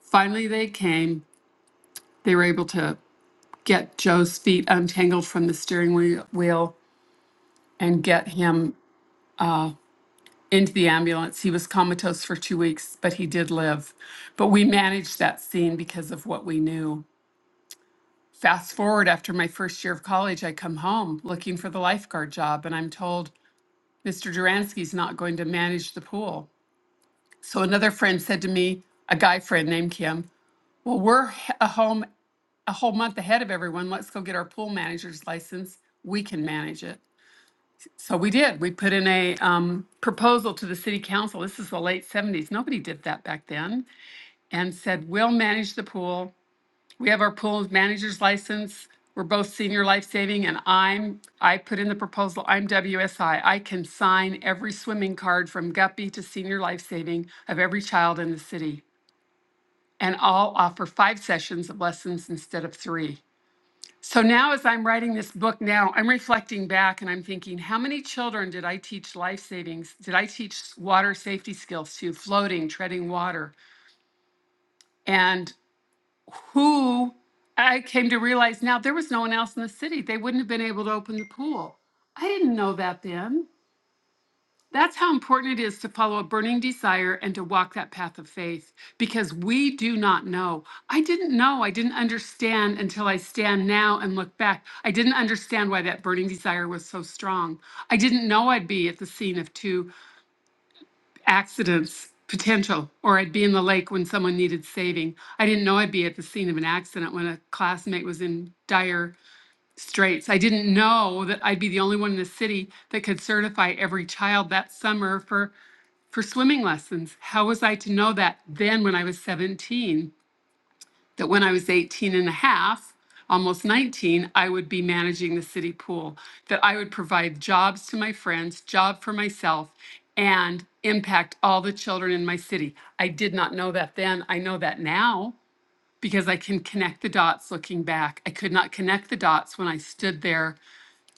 S5: Finally, they came. They were able to get Joe's feet untangled from the steering wheel wheel and get him into the ambulance. He was comatose for two weeks, but he did live. But we managed that scene because of what we knew. Fast forward after my first year of college, I come home looking for the lifeguard job, and I'm told Mr. Duransky's not going to manage the pool. So another friend said to me, a guy friend named Kim, Well, we're h- a home a whole month ahead of everyone. Let's go get our pool manager's license. We can manage it. So we did. We put in a um, proposal to the city council. This is the late 70s. Nobody did that back then and said, we'll manage the pool. We have our pool manager's license. We're both senior life saving and I'm, I put in the proposal, I'm WSI. I I can sign every swimming card from guppy to senior life saving of every child in the city. And I'll offer five sessions of lessons instead of three. So now as I'm writing this book now, I'm reflecting back and I'm thinking, how many children did I teach life savings? Did I teach water safety skills to, floating, treading water? and?" who I came to realize now there was no one else in the city. They wouldn't have been able to open the pool. I didn't know that then. That's how important it is to follow a burning desire and to walk that path of faith because we do not know. I didn't know. I didn't understand until I stand now and look back. I didn't understand why that burning desire was so strong. I didn't know I'd be at the scene of two accidents potential or I'd be in the lake when someone needed saving. I didn't know I'd be at the scene of an accident when a classmate was in dire straits. I didn't know that I'd be the only one in the city that could certify every child that summer for for swimming lessons. How was I to know that then when I was 17? that when I was 18 and a half, almost 19, I would be managing the city pool, that I would provide jobs to my friends, job for myself, and impact all the children in my city. I did not know that then. I know that now because I can connect the dots looking back. I could not connect the dots when I stood there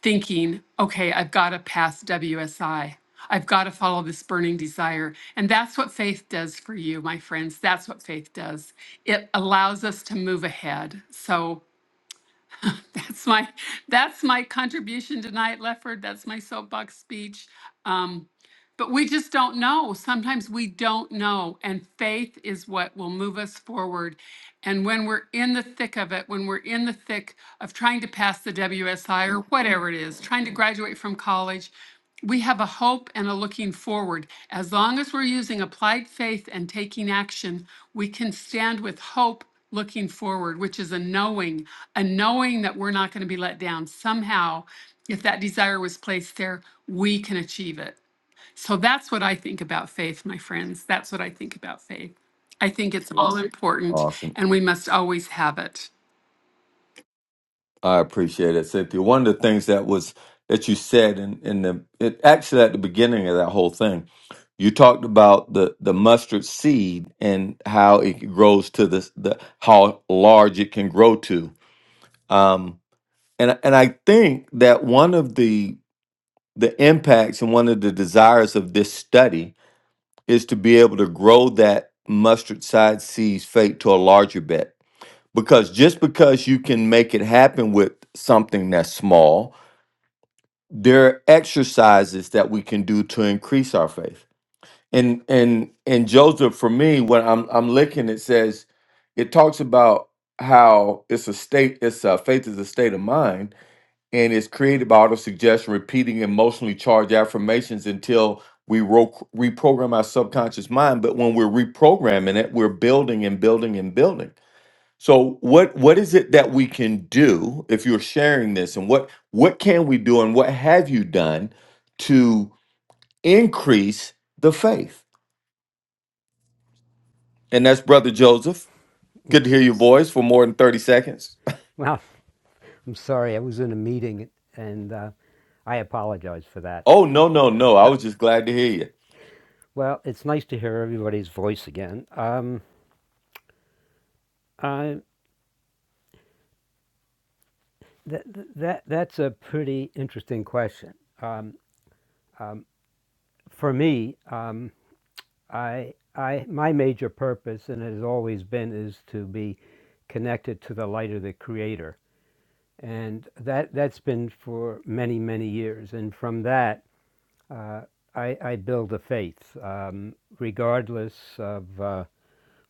S5: thinking, okay, I've got to pass WSI. I've got to follow this burning desire. And that's what faith does for you, my friends. That's what faith does. It allows us to move ahead. So that's my that's my contribution tonight, Lefford. That's my soapbox speech. Um, but we just don't know. Sometimes we don't know. And faith is what will move us forward. And when we're in the thick of it, when we're in the thick of trying to pass the WSI or whatever it is, trying to graduate from college, we have a hope and a looking forward. As long as we're using applied faith and taking action, we can stand with hope looking forward, which is a knowing, a knowing that we're not going to be let down. Somehow, if that desire was placed there, we can achieve it. So that's what I think about faith, my friends. That's what I think about faith. I think it's all important
S3: Awesome,
S5: and we must always have it.
S3: I appreciate it, Cynthia. One of the things that was that you said in in the it, actually at the beginning of that whole thing, you talked about the the mustard seed and how it grows to this the how large it can grow to. Um, and and I think that one of the the impacts and one of the desires of this study is to be able to grow that mustard side seed's fate to a larger bet. Because just because you can make it happen with something that's small, there are exercises that we can do to increase our faith. And and and Joseph, for me, when I'm I'm looking, it says, it talks about how it's a state, it's a faith is a state of mind and it's created by auto suggestion, repeating emotionally charged affirmations until we ro- reprogram our subconscious mind. But when we're reprogramming it, we're building and building and building. So what what is it that we can do if you're sharing this, and what what can we do, and what have you done to increase the faith? And that's Brother Joseph. Good to
S6: Yes.
S3: hear your voice for more than thirty seconds.
S6: Well, I'm sorry. I was in a meeting and uh, I apologize for that.
S3: Oh no no no! I was just glad to hear you.
S6: Well, it's nice to hear everybody's voice again. Um, I, that, that, that's a pretty interesting question. For me, um, I, I, my major purpose, and it has always been, is to be connected to the light of the Creator. And that, that's been for many, many years. And from that, I, I build a faith, um, regardless of. Uh,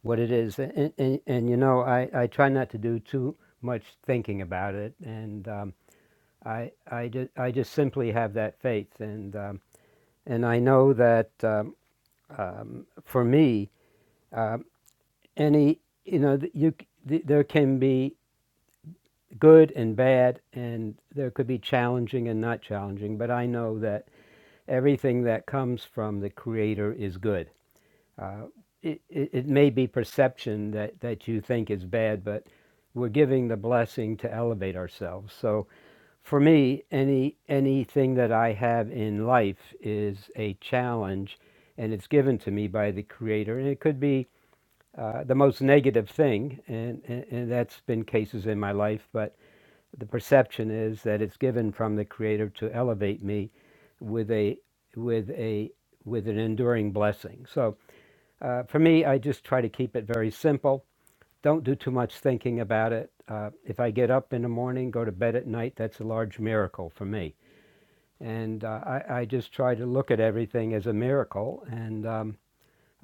S6: what it is. And, and, and you know, I, I try not to do too much thinking about it. And um, I, I, just I just simply have that faith. And, um, and I know that um, for me, any, you know, you, there can be good and bad, and there could be challenging and not challenging. But I know that everything that comes from the Creator is good uh, it, it, it may be perception that, that you think is bad, but we're giving the blessing to elevate ourselves. So for me, any anything that I have in life is a challenge, and it's given to me by the Creator. And it could be uh, the most negative thing, and, and and that's been cases in my life. But the perception is that it's given from the Creator to elevate me with a with a with an enduring blessing. So uh, for me, I just try to keep it very simple. Don't do too much thinking about it. Uh, if I get up in the morning, go to bed at night, that's a large miracle for me. And uh, I, I just try to look at everything as a miracle. And, um,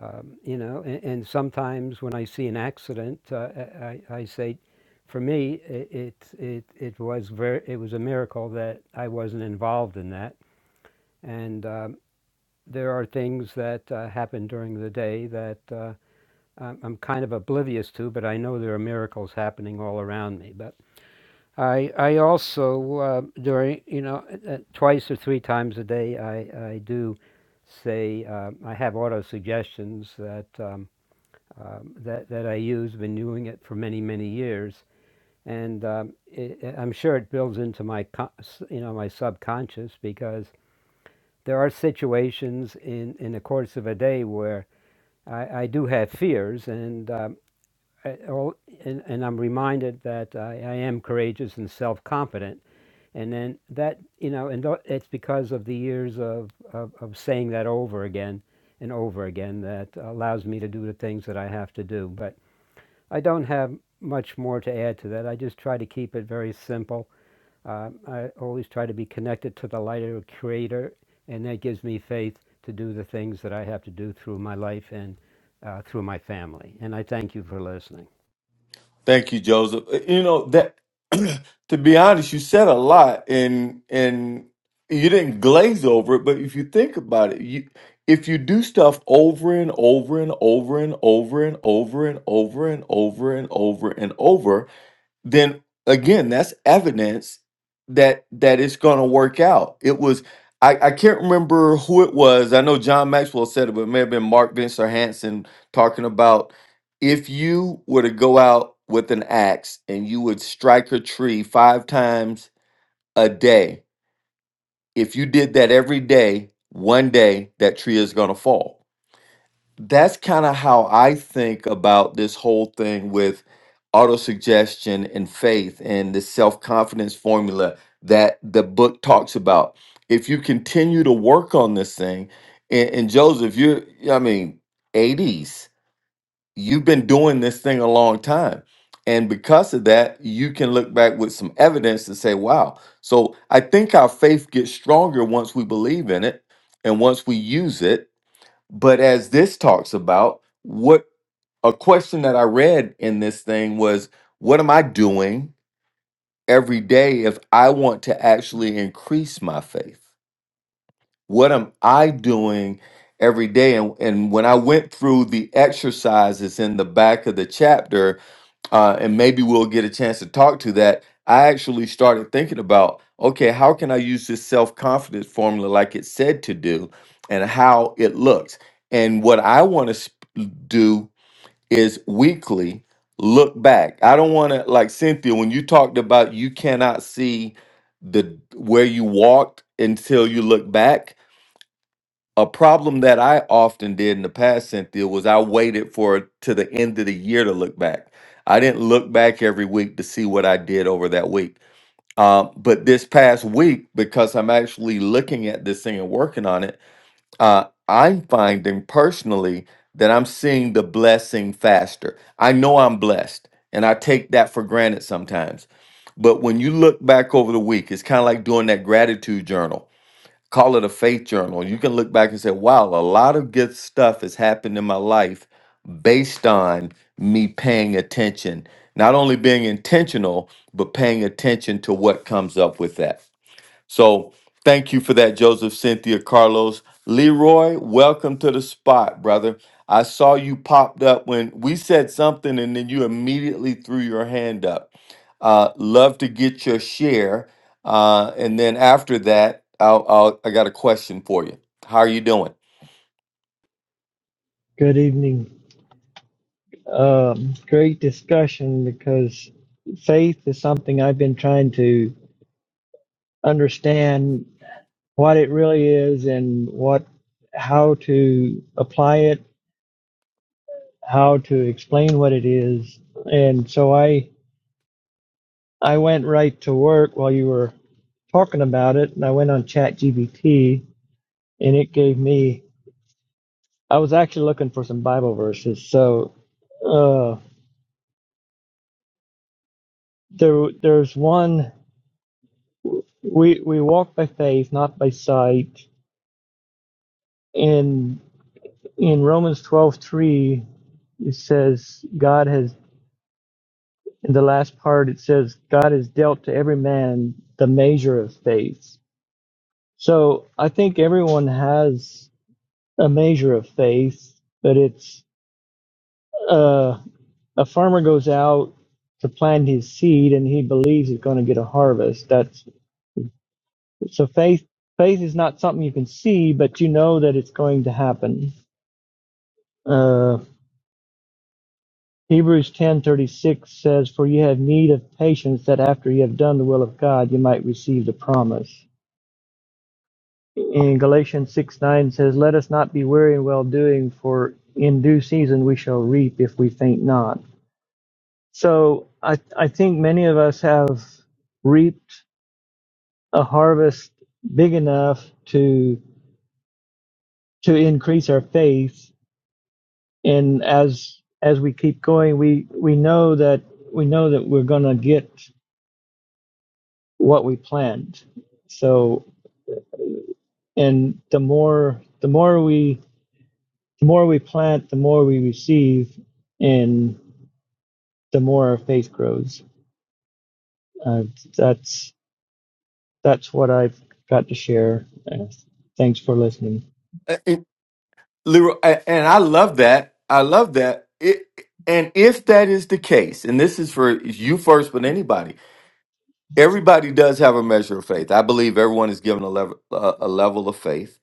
S6: um, you know, and, and sometimes when I see an accident, uh, I, I say, for me, it, it, it, it was very, it was a miracle that I wasn't involved in that. And um, there are things that uh, happen during the day that uh, I'm kind of oblivious to, but I know there are miracles happening all around me. But I, I also uh, during you know uh, uh, twice or three times a day I, I do say uh, I have auto suggestions that um, um, that that I use. Been doing it for many many years, and um, it, it- I'm sure it builds into my con- you know my subconscious because there are situations in in the course of a day where I, I do have fears, and um, I- and, and I'm reminded that I, I am courageous and self-confident. And then that, you know, and it's because of the years of, of, of saying that over again and over again that allows me to do the things that I have to do. But I don't have much more to add to that. I just try to keep it very simple. Um, I always try to be connected to the lighter creator, and that gives me faith to do the things that I have to do through my life and uh, through my family. And I thank you for listening.
S3: Thank you, Joseph. Uh, You know that. to be honest, you said a lot, and and you didn't glaze over it. But if you think about it, you if you do stuff over and over and over and over and over and over and over and over and over and over then again that's evidence that that it's going to work out it was I, I can't remember who it was i know john maxwell said it but it may have been mark vincent hansen talking about if you were to go out with an axe and you would strike a tree five times a day if you did that every day one day that tree is going to fall that's kind of how I think about this whole thing with autosuggestion and faith and the self confidence formula that the book talks about. If you continue to work on this thing, and, and Joseph, you're, yeah, I mean, 80s, you've been doing this thing a long time. And because of that, you can look back with some evidence to say, wow. So I think our faith gets stronger once we believe in it and once we use it but as this talks about, what a question that I read in this thing was what am I doing every day if I want to actually increase my faith? What am I doing every day? And, and when I went through the exercises in the back of the chapter, uh, and maybe we'll get a chance to talk to that. I actually started thinking about okay, how can I use this self confidence formula like it said to do and how it looks? And what I want to do is weekly look back. I don't want to, like Cynthia, when you talked about you cannot see the where you walked until you look back a problem that I often did in the past, Cynthia, was I waited for to the end of the year to look back. I didn't look back every week to see what I did over that week. Um, but this past week, because I'm actually looking at this thing and working on it, uh, I'm finding personally that I'm seeing the blessing faster. I know I'm blessed, and I take that for granted sometimes. But when you look back over the week, it's kind of like doing that gratitude journal call it a faith journal. You can look back and say, wow, a lot of good stuff has happened in my life based on me paying attention, not only being intentional, but paying attention to what comes up with that. So thank you for that, Joseph, Cynthia, Carlos. Leroy, welcome to the spot, brother. I saw you popped up when we said something and then you immediately threw your hand up. Uh, love to get your share. Uh, and then after that, I'll, I'll, I got a question for you. How are you doing?
S7: Good evening. Um, great discussion because faith is something I've been trying to understand what it really is and what how to apply it, how to explain what it is. And so I I went right to work while you were talking about it, and I went on ChatGPT, and it gave me. I was actually looking for some Bible verses, so uh, there there's one. We we walk by faith, not by sight. And in Romans twelve three, it says God has. In the last part, it says God has dealt to every man the measure of faith. So I think everyone has a measure of faith, but it's uh, a farmer goes out to plant his seed and he believes he's going to get a harvest. That's so faith. Faith is not something you can see, but you know that it's going to happen. Uh, Hebrews 10:36 says, "For you have need of patience, that after you have done the will of God, you might receive the promise." In Galatians 6:9 says, "Let us not be weary in well doing, for in due season we shall reap if we faint not." So I, I think many of us have reaped a harvest big enough to to increase our faith, and as as we keep going, we we know that we know that we're going to get what we planned. So, and the more the more we the more we plant, the more we receive, and the more our faith grows. Uh, that's that's what I've got to share. Uh, thanks for listening.
S3: Uh, and Leroy, a- and I love that. I love that. It, and if that is the case, and this is for you first, but anybody, everybody does have a measure of faith. I believe everyone is given a level a, a level of faith.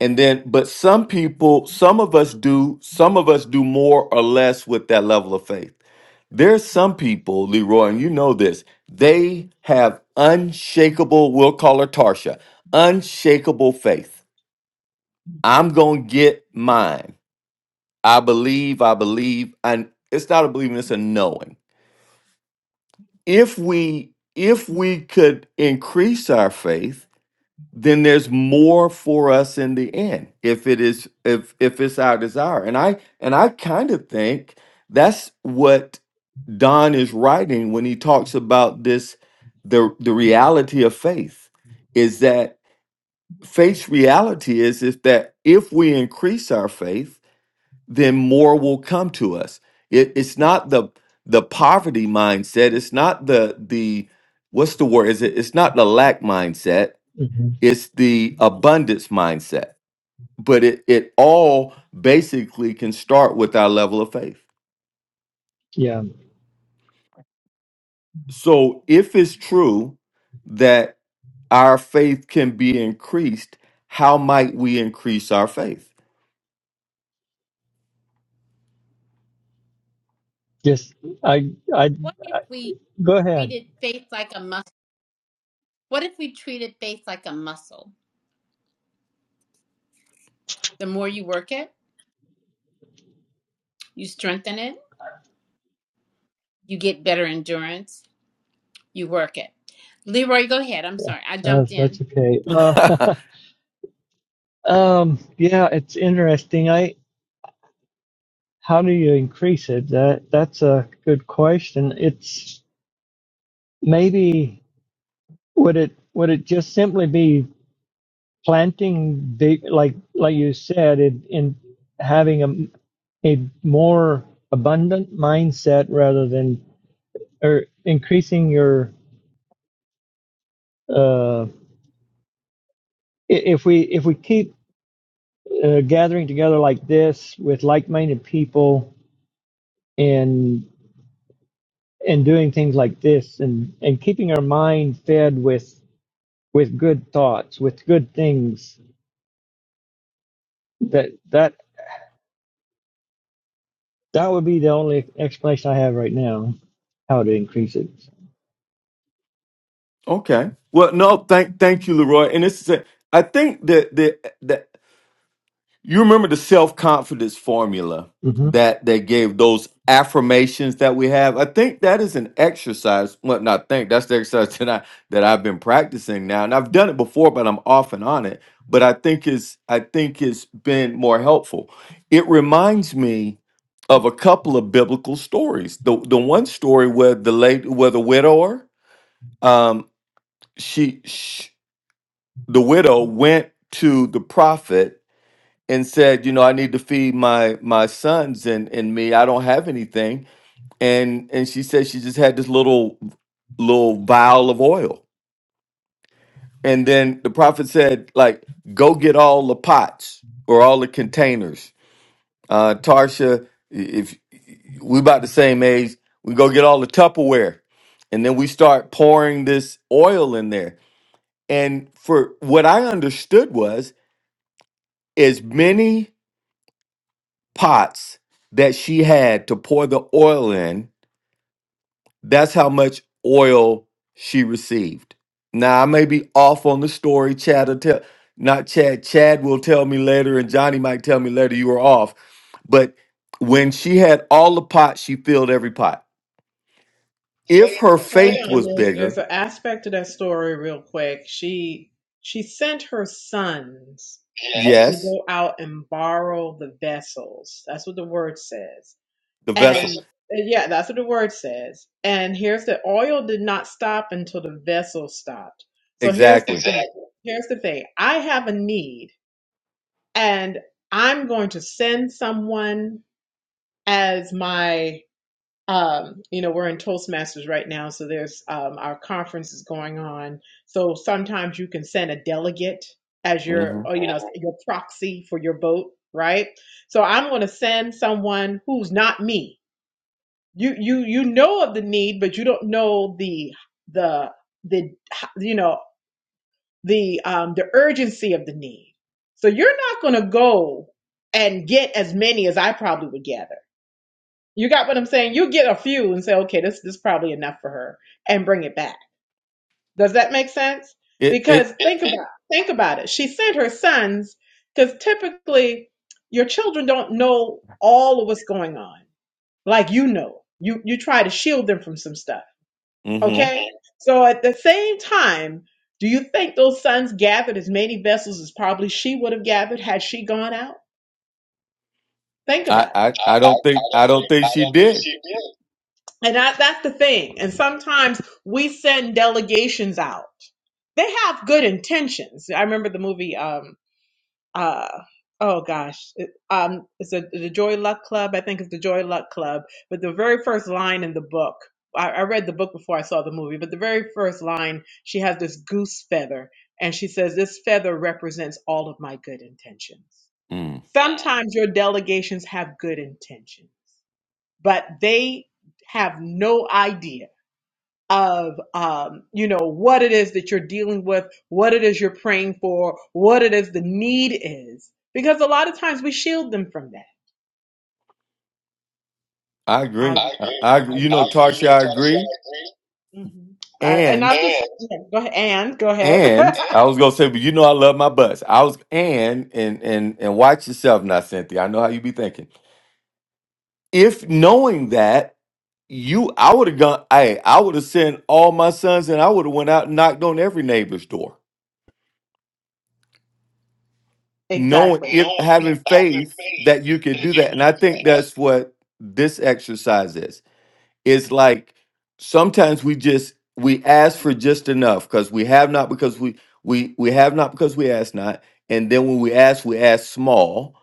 S3: And then but some people, some of us do, some of us do more or less with that level of faith. There's some people, Leroy, and you know this, they have unshakable, we'll call her Tarsha, unshakable faith. I'm going to get mine. I believe, I believe, and it's not a believing, it's a knowing. If we if we could increase our faith, then there's more for us in the end if it is if if it's our desire and i and i kind of think that's what don is writing when he talks about this the the reality of faith is that faith's reality is is that if we increase our faith then more will come to us it, it's not the the poverty mindset it's not the the what's the word is it it's not the lack mindset
S7: hmm
S3: it's the abundance mindset but it, it all basically can start with our level of faith
S7: Yeah,
S3: so if it's true that our faith can be increased how might we increase our faith
S7: just I, I
S2: What if
S7: I
S2: we
S7: go ahead.
S2: treated faith like a muscle? What if we treated faith like a muscle? The more you work it, you strengthen it, you get better endurance, You work it. Leroy, go ahead. I'm sorry. I
S7: Uh,
S2: jumped in.
S7: that's okay. Uh, um, yeah, it's interesting. I how do you increase it? That that's a good question. It's maybe Would it would it just simply be planting the like like you said it, in having a a more abundant mindset rather than or increasing your uh i- if we if we keep uh, gathering together like this with like-minded people and and doing things like this and and keeping our mind fed with with good thoughts with good things that that That would be the only explanation I have right now how to increase it.
S3: okay well no thank thank you leroy and this is it i think that the You remember the self confidence formula
S7: hmm
S3: that they gave those affirmations that we have? I think that is an exercise. Well, not think that's the exercise that I that I've been practicing now, and I've done it before, but I'm off and on it. But I think it's I think it's been more helpful. It reminds me of a couple of biblical stories. The the one story where the late where the widower, um, she, she the widow went to the prophet and said, you know, I need to feed my my sons and and me. I don't have anything. And and she said she just had this little little vial of oil. And then the prophet said, like, go get all the pots or all the containers. Uh Tarsha, if we about the same age, we go get all the Tupperware. And then we start pouring this oil in there. And for what I understood was as many pots that she had to pour the oil in, that's how much oil she received. Now, I may be off on the story. Chad will tell, not Chad, Chad will tell me later, and Johnny might tell me later you were off. But when she had all the pots, she filled every pot. If her
S1: Hold
S3: faith
S1: on,
S3: was
S1: there's, there's
S3: bigger,
S1: an aspect of that story real quick. She she sent her sons to Yes.
S3: yes,
S1: go out and borrow the vessels. That's what the word says.
S3: the
S1: And
S3: vessel.
S1: yeah, that's what the word says. And here's the oil did not stop until the vessel stopped. So here's the thing.
S3: Exactly.
S1: Exactly. Here's the thing. I have a need and I'm going to send someone as my um, you know, we're in Toastmasters right now, so there's um, our conference is going on. So sometimes you can send a delegate as your,
S3: hmm
S1: or, you know, your proxy for your vote, right? So I'm going to send someone who's not me. You you you know of the need, but you don't know the the the you know the um the urgency of the need. So you're not going to go and get as many as I probably would gather you got what I'm saying? You get a few and say, okay, this this is probably enough for her, and bring it back. Does that make sense?
S3: It, it,
S1: Because think about think about it. She sent her sons because typically your children don't know all of what's going on, like you know. You you try to shield them from some stuff.
S3: hmm
S1: Okay, so at the same time, do you think those sons gathered as many vessels as probably she would have gathered had she gone out? Think
S3: I,
S1: about it.
S3: I, I don't think, I don't think she did.
S1: And that, that's the thing. And sometimes we send delegations out. They have good intentions. I remember the movie, um, uh, oh gosh, it, um, it's a, the Joy Luck Club. I think it's the Joy Luck Club. But the very first line in the book, I, I read the book before I saw the movie, but the very first line, she has this goose feather and she says, this feather represents all of my good intentions.
S3: Mm.
S1: Sometimes your delegations have good intentions, but they have no idea of um, you know what it is that you're dealing with, what it is you're praying for, what it is the need is, because a lot of times we shield them from that.
S3: I
S1: I'll
S3: agree.
S1: I
S3: I,
S1: agree.
S3: I agree.
S1: I'll
S3: you
S1: I
S3: know,
S1: agree.
S3: Tarsha, I agree.
S1: You know, Tony said I agree. hmm I, and
S3: And
S1: i just yeah, go ahead, and go ahead.
S3: and I was gonna say, but you know, I love my butts. I was and and and and watch yourself, now, Cynthia. I know how you be thinking. If knowing that you, I would have gone. Hey, I would have sent all my sons, and I would have went out and knocked on every neighbor's door, knowing
S1: exactly.
S3: it,
S1: knowing Yeah.
S3: having
S1: by your
S3: faith
S1: faith
S3: that you could
S1: that
S3: do
S1: you
S3: that. And
S1: can
S3: I
S1: do that.
S3: think
S1: And
S3: that's what this exercise is. it's like sometimes we just we ask for just enough because we have not because we we we have not because we ask not and then when we ask we ask small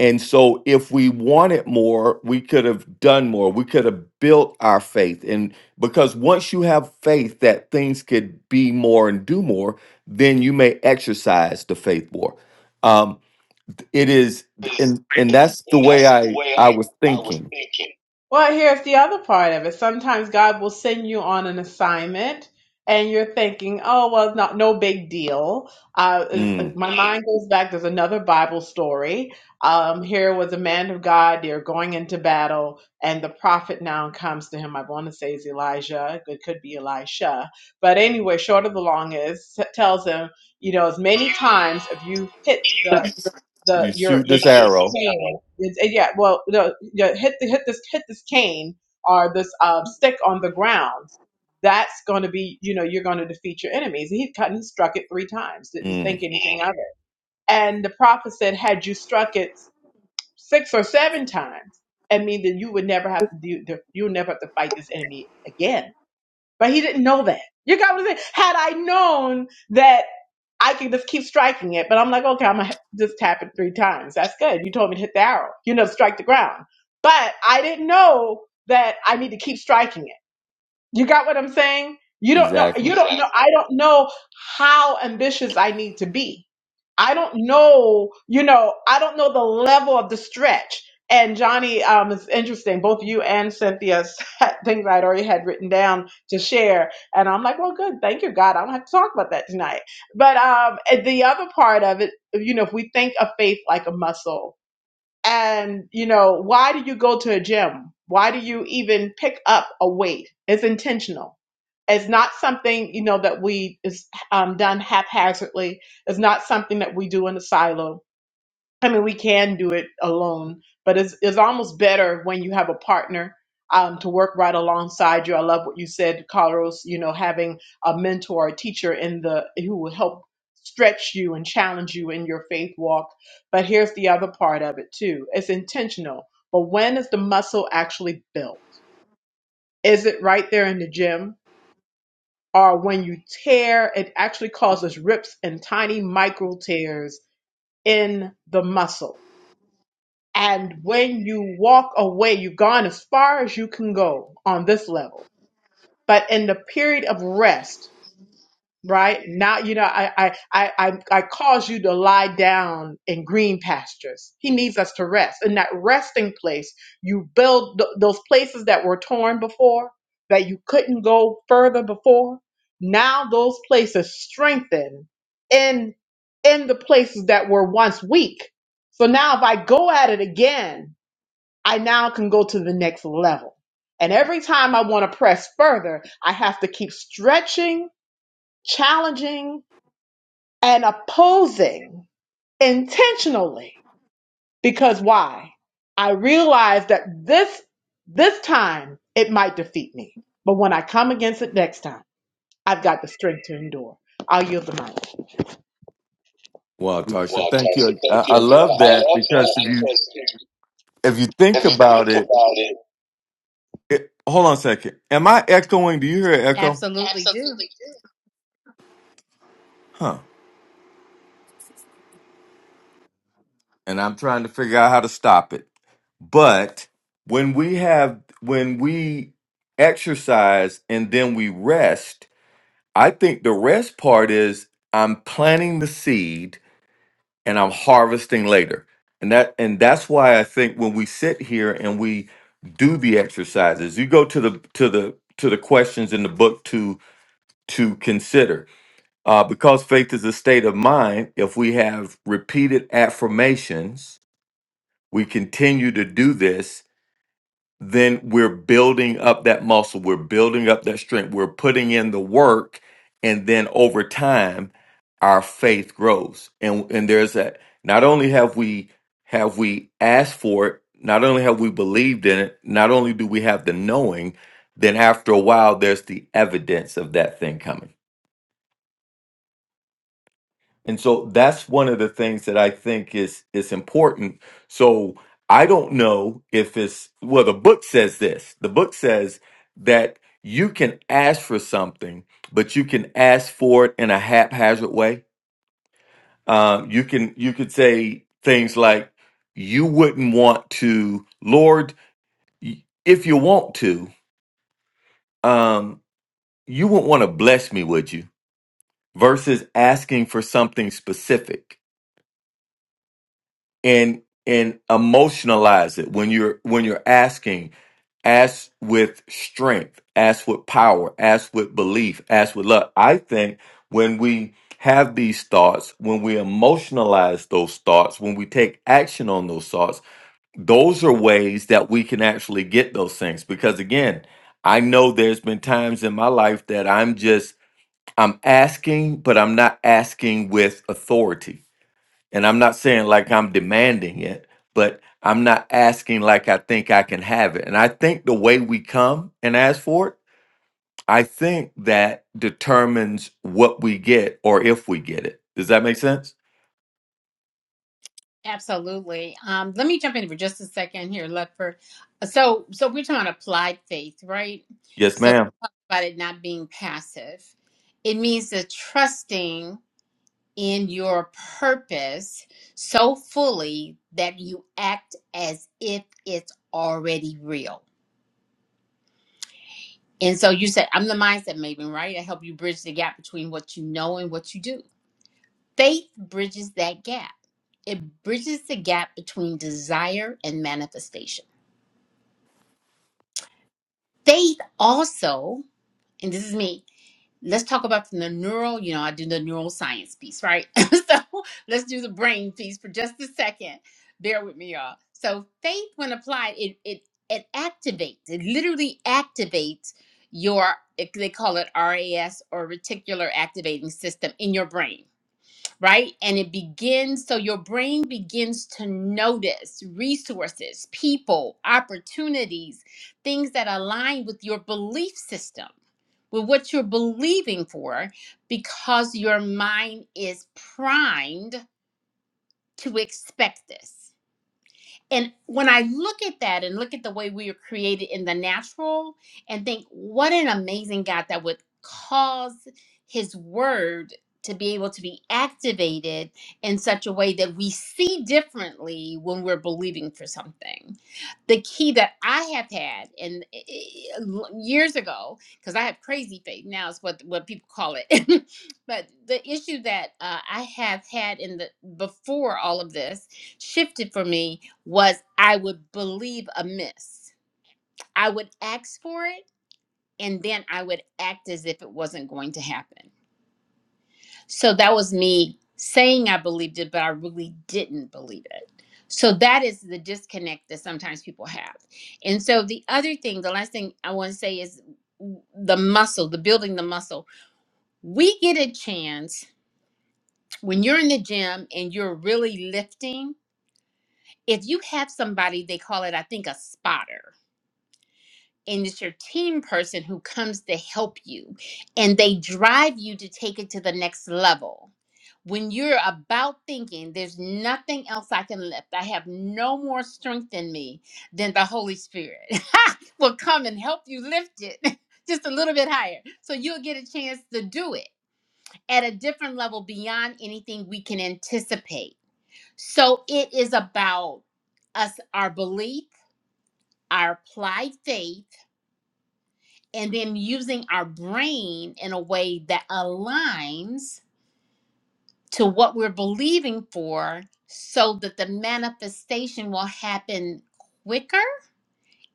S3: and so if we wanted more we could have done more we could have built our faith and because once you have faith that things could be more and do more then you may exercise the faith more um it is
S1: is
S3: and
S1: and,
S3: and that's the
S1: and
S3: way
S1: that's the
S3: i
S1: way
S3: i
S1: I
S3: was
S1: I was
S3: thinking
S1: thinking. Well, here's the other part of it. Sometimes God will send you on an assignment and you're thinking, oh, well, it's not, no big deal. Uh, is- uh,
S3: Mm,
S1: my mind goes back. There's another Bible story. Um, here was a man of God. They're going into battle and the prophet now comes to him. I want to say it's Elijah. It could be Elisha. But anyway, short of the long is, tells him, you know, as many times if you hit the the
S3: you
S1: your
S3: shoot
S1: this
S3: this
S1: this
S3: arrow
S1: cane. It's, it- yeah, well, the, yeah, hit the hit this hit this cane or this um, stick on the ground. That's going to be, you know, you're going to defeat your enemies. And he cut and he struck it three times. Didn't
S3: Mm,
S1: think anything of it. And the prophet said, had you struck it six or seven times, I mean that you would never have to do. You'll never have to fight this enemy again. But he didn't know that. You got what I'm saying? Had I known that I can just keep striking it, but I'm like, okay, I'm gonna just tap it three times. That's good. You told me to hit the arrow, you know, strike the ground. But I didn't know that I need to keep striking it. You got what I'm saying? You don't know,
S3: exactly.
S1: you don't know, I don't know how ambitious I need to be. I don't know, you know, I don't know the level of the stretch. And Johnny, um, it's interesting. Both you and Cynthia said things I'd already had written down to share, and I'm like, well, good, thank you, God. I don't have to talk about that tonight. But um, and the other part of it, you know, if we think of faith like a muscle, and, you know, why do you go to a gym? Why do you even pick up a weight? It's intentional. It's not something, you know, that we is um, done haphazardly. It's not something that we do in a silo I mean, we can do it alone, but it's, it's almost better when you have a partner um, to work right alongside you. I love what you said, Carlos. You know, having a mentor, a teacher in the who will help stretch you and challenge you in your faith walk. But here's the other part of it too: it's intentional. But when is the muscle actually built? Is it right there in the gym, or when you tear, it actually causes rips and tiny micro tears in the muscle? And when you walk away, you've gone as far as you can go on this level. But in the period of rest, right now, you know, I, I, I, I I cause you to lie down in green pastures. He needs us to rest. In that resting place, you build th- those places that were torn before, that you couldn't go further before. Now those places strengthen in in the places that were once weak. So now if I go at it again, I now can go to the next level. And every time I want to press further, I have to keep stretching, challenging, and opposing intentionally. Because why? I realize that this, this time it might defeat me. But when I come against it next time, I've got the strength to endure. I'll yield the mic.
S3: Well, Tarsha,
S1: Well,
S3: thank you.
S1: Tasha, thank
S3: I,
S1: you.
S3: I
S1: I
S3: love that
S1: love that
S3: because if you
S1: because
S3: if you
S1: if
S3: think
S1: you
S3: about
S1: think
S3: it,
S1: about it,
S3: it, hold on a second. Am I echoing? Do you hear an echo?
S2: Absolutely
S1: absolutely.
S2: do.
S3: Huh. And I'm trying to figure out how to stop it. But when we have when we exercise and then we rest, I think the rest part is I'm planting the seed and I'm harvesting later. And that and that's why I think when we sit here and we do the exercises, you go to the to the to the questions in the book to to consider. Uh, because faith is a state of mind, if we have repeated affirmations, we continue to do this then we're building up that muscle, we're building up that strength, we're putting in the work, and then over time, our faith grows. And and there's that. Not only have we have we asked for it, not only have we believed in it, not only do we have the knowing, then after a while, there's the evidence of that thing coming. And so that's one of the things that I think is is important. So I don't know if it's well the book says this. The book says that you can ask for something, but you can ask for it in a haphazard way. Um, you can you could say things like you wouldn't want to, Lord, y- if you want to, um, you wouldn't want to bless me, would you? Versus asking for something specific and and emotionalize it when you're when you're asking ask with strength ask with power ask with belief ask with love i think when we have these thoughts when we emotionalize those thoughts when we take action on those thoughts those are ways that we can actually get those things because again i know there's been times in my life that i'm just i'm asking but i'm not asking with authority and I'm not saying like I'm demanding it, but I'm not asking like I think I can have it. And I think the way we come and ask for it, I think that determines what we get or if we get it. Does that make sense?
S2: Absolutely. Um, let me jump in for just a second here, Lutfer. So so we're talking about applied faith, right?
S3: Yes,
S2: So
S3: ma'am.
S2: about it not being passive. It means the trusting in your purpose so fully that you act as if it's already real. And so you said, I'm the mindset maven, right? I help you bridge the gap between what you know and what you do. Faith bridges that gap. It bridges the gap between desire and manifestation. Faith also, and this is me, let's talk about from the neural, you know, I do the neuroscience piece, right? so let's do the brain piece for just a second. Bear with me, y'all. So faith, when applied, it it it activates, it literally activates your they call it RAS or reticular activating system in your brain right? And it begins, so your brain begins to notice resources, people, opportunities, things that align with your belief system, with what you're believing for, because your mind is primed to expect this. And when I look at that and look at the way we are created in the natural and think, what an amazing God that would cause his word to be able to be activated in such a way that we see differently when we're believing for something. The key that I have had and eh, eh, years ago, because I have crazy faith now is what what people call it. but the issue that uh, I have had in the before all of this shifted for me was I would believe amiss. I would ask for it and then I would act as if it wasn't going to happen. So that was me saying I believed it, but I really didn't believe it. So that is the disconnect that sometimes people have. And so the other thing, the last thing I want to say is the muscle, the building the muscle. We get a chance when you're in the gym and you're really lifting. If you have somebody, they call it, I think, a spotter and it's your team person who comes to help you and they drive you to take it to the next level. When you're about thinking, there's nothing else I can lift, I have no more strength in me than the Holy Spirit will come and help you lift it just a little bit higher. So you'll get a chance to do it at a different level beyond anything we can anticipate. So it is about us, our belief, our applied faith and then using our brain in a way that aligns to what we're believing for so that the manifestation will happen quicker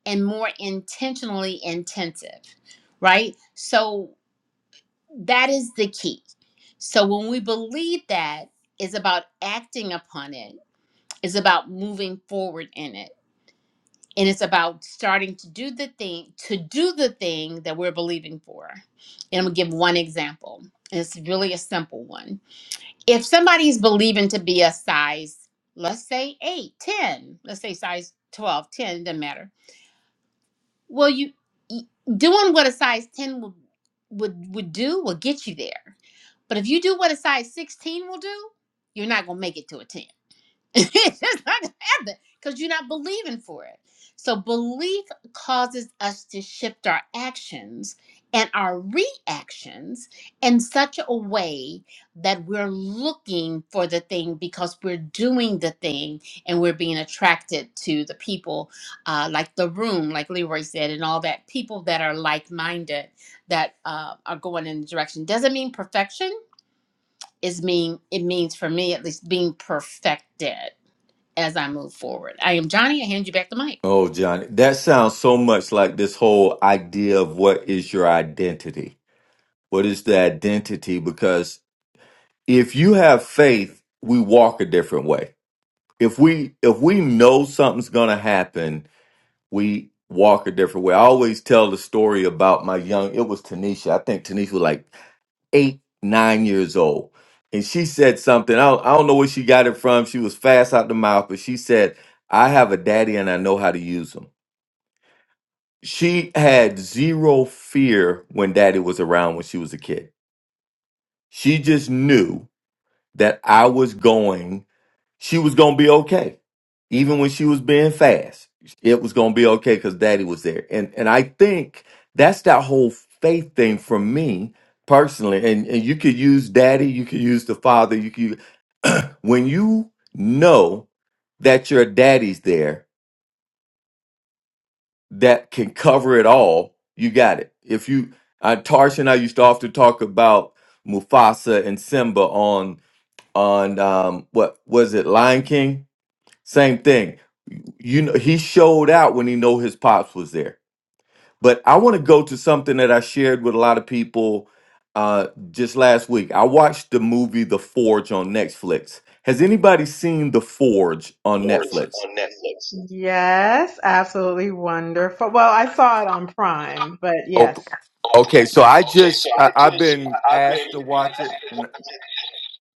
S2: and more intentionally intensive, right? So that is the key. So when we believe that, it's about acting upon it, it's about moving forward in it. and it's about starting to do the thing to do the thing that we're believing for and i'm gonna give one example and it's really a simple one if somebody's believing to be a size let's say eight, ten, let's say size 12, 10 it doesn't matter well you y- doing what a size 10 would would, would do will get you there but if you do what a size 16 will do you're not gonna make it to a 10 it's just not gonna happen because you're not believing for it. So belief causes us to shift our actions and our reactions in such a way that we're looking for the thing because we're doing the thing and we're being attracted to the people, uh, like the room, like Leroy said, and all that. People that are like-minded that uh, are going in the direction doesn't mean perfection. Is mean it means for me at least being perfected as I move forward. I am Johnny. I hand you back the mic.
S3: Oh, Johnny, that sounds so much like this whole idea of what is your identity? What is the identity? Because if you have faith, we walk a different way. If we if we know something's gonna happen, we walk a different way. I always tell the story about my young, it was Tanisha. I think Tanisha was like eight, nine years old. And she said something. I don't, I don't know where she got it from. She was fast out the mouth, but she said, I have a daddy and I know how to use him. She had zero fear when daddy was around when she was a kid. She just knew that I was going she was gonna be okay. Even when she was being fast, it was gonna be okay because daddy was there. And and I think that's that whole faith thing for me personally. And and you could use daddy, you could use the father, you could when you know that your daddy's there that can cover it all, you got it. If you uh, Tarsha and I used to often talk about Mufasa and Simba on on um what was it, Lion King? Same thing. You know, he showed out when he know his pops was there. But I want to go to something that I shared with a lot of people uh, just last week. I watched the movie The Forge on Netflix. Has anybody seen The Forge on
S1: Wards
S3: Netflix?
S1: on Netflix. Yes, absolutely wonderful. Well, I saw it on Prime, but
S3: Oh,
S1: yes.
S3: okay. So I
S1: Okay,
S3: just
S1: so
S3: I,
S1: I
S3: I've
S1: just
S3: been
S1: I- I've
S3: asked to
S1: been
S3: watch
S1: asked
S3: it,
S1: to
S3: and
S1: watch it.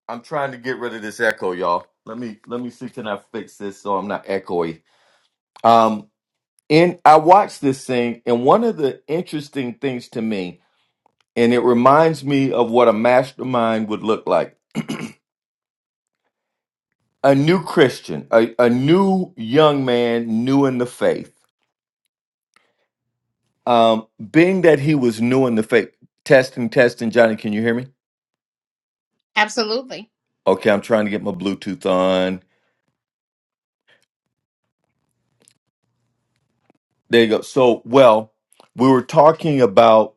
S3: I'm trying to get rid of this echo, y'all. Let me let me see can I fix this so I'm not echoey. Um, and I watched this thing, and one of the interesting things to me and it reminds me of what a mastermind would look like a new christian a, a new young man new in the faith um being that he was new in the faith testing testing johnny can you hear me
S2: Absolutely.
S3: okay i'm trying to get my bluetooth on there you go so well we were talking about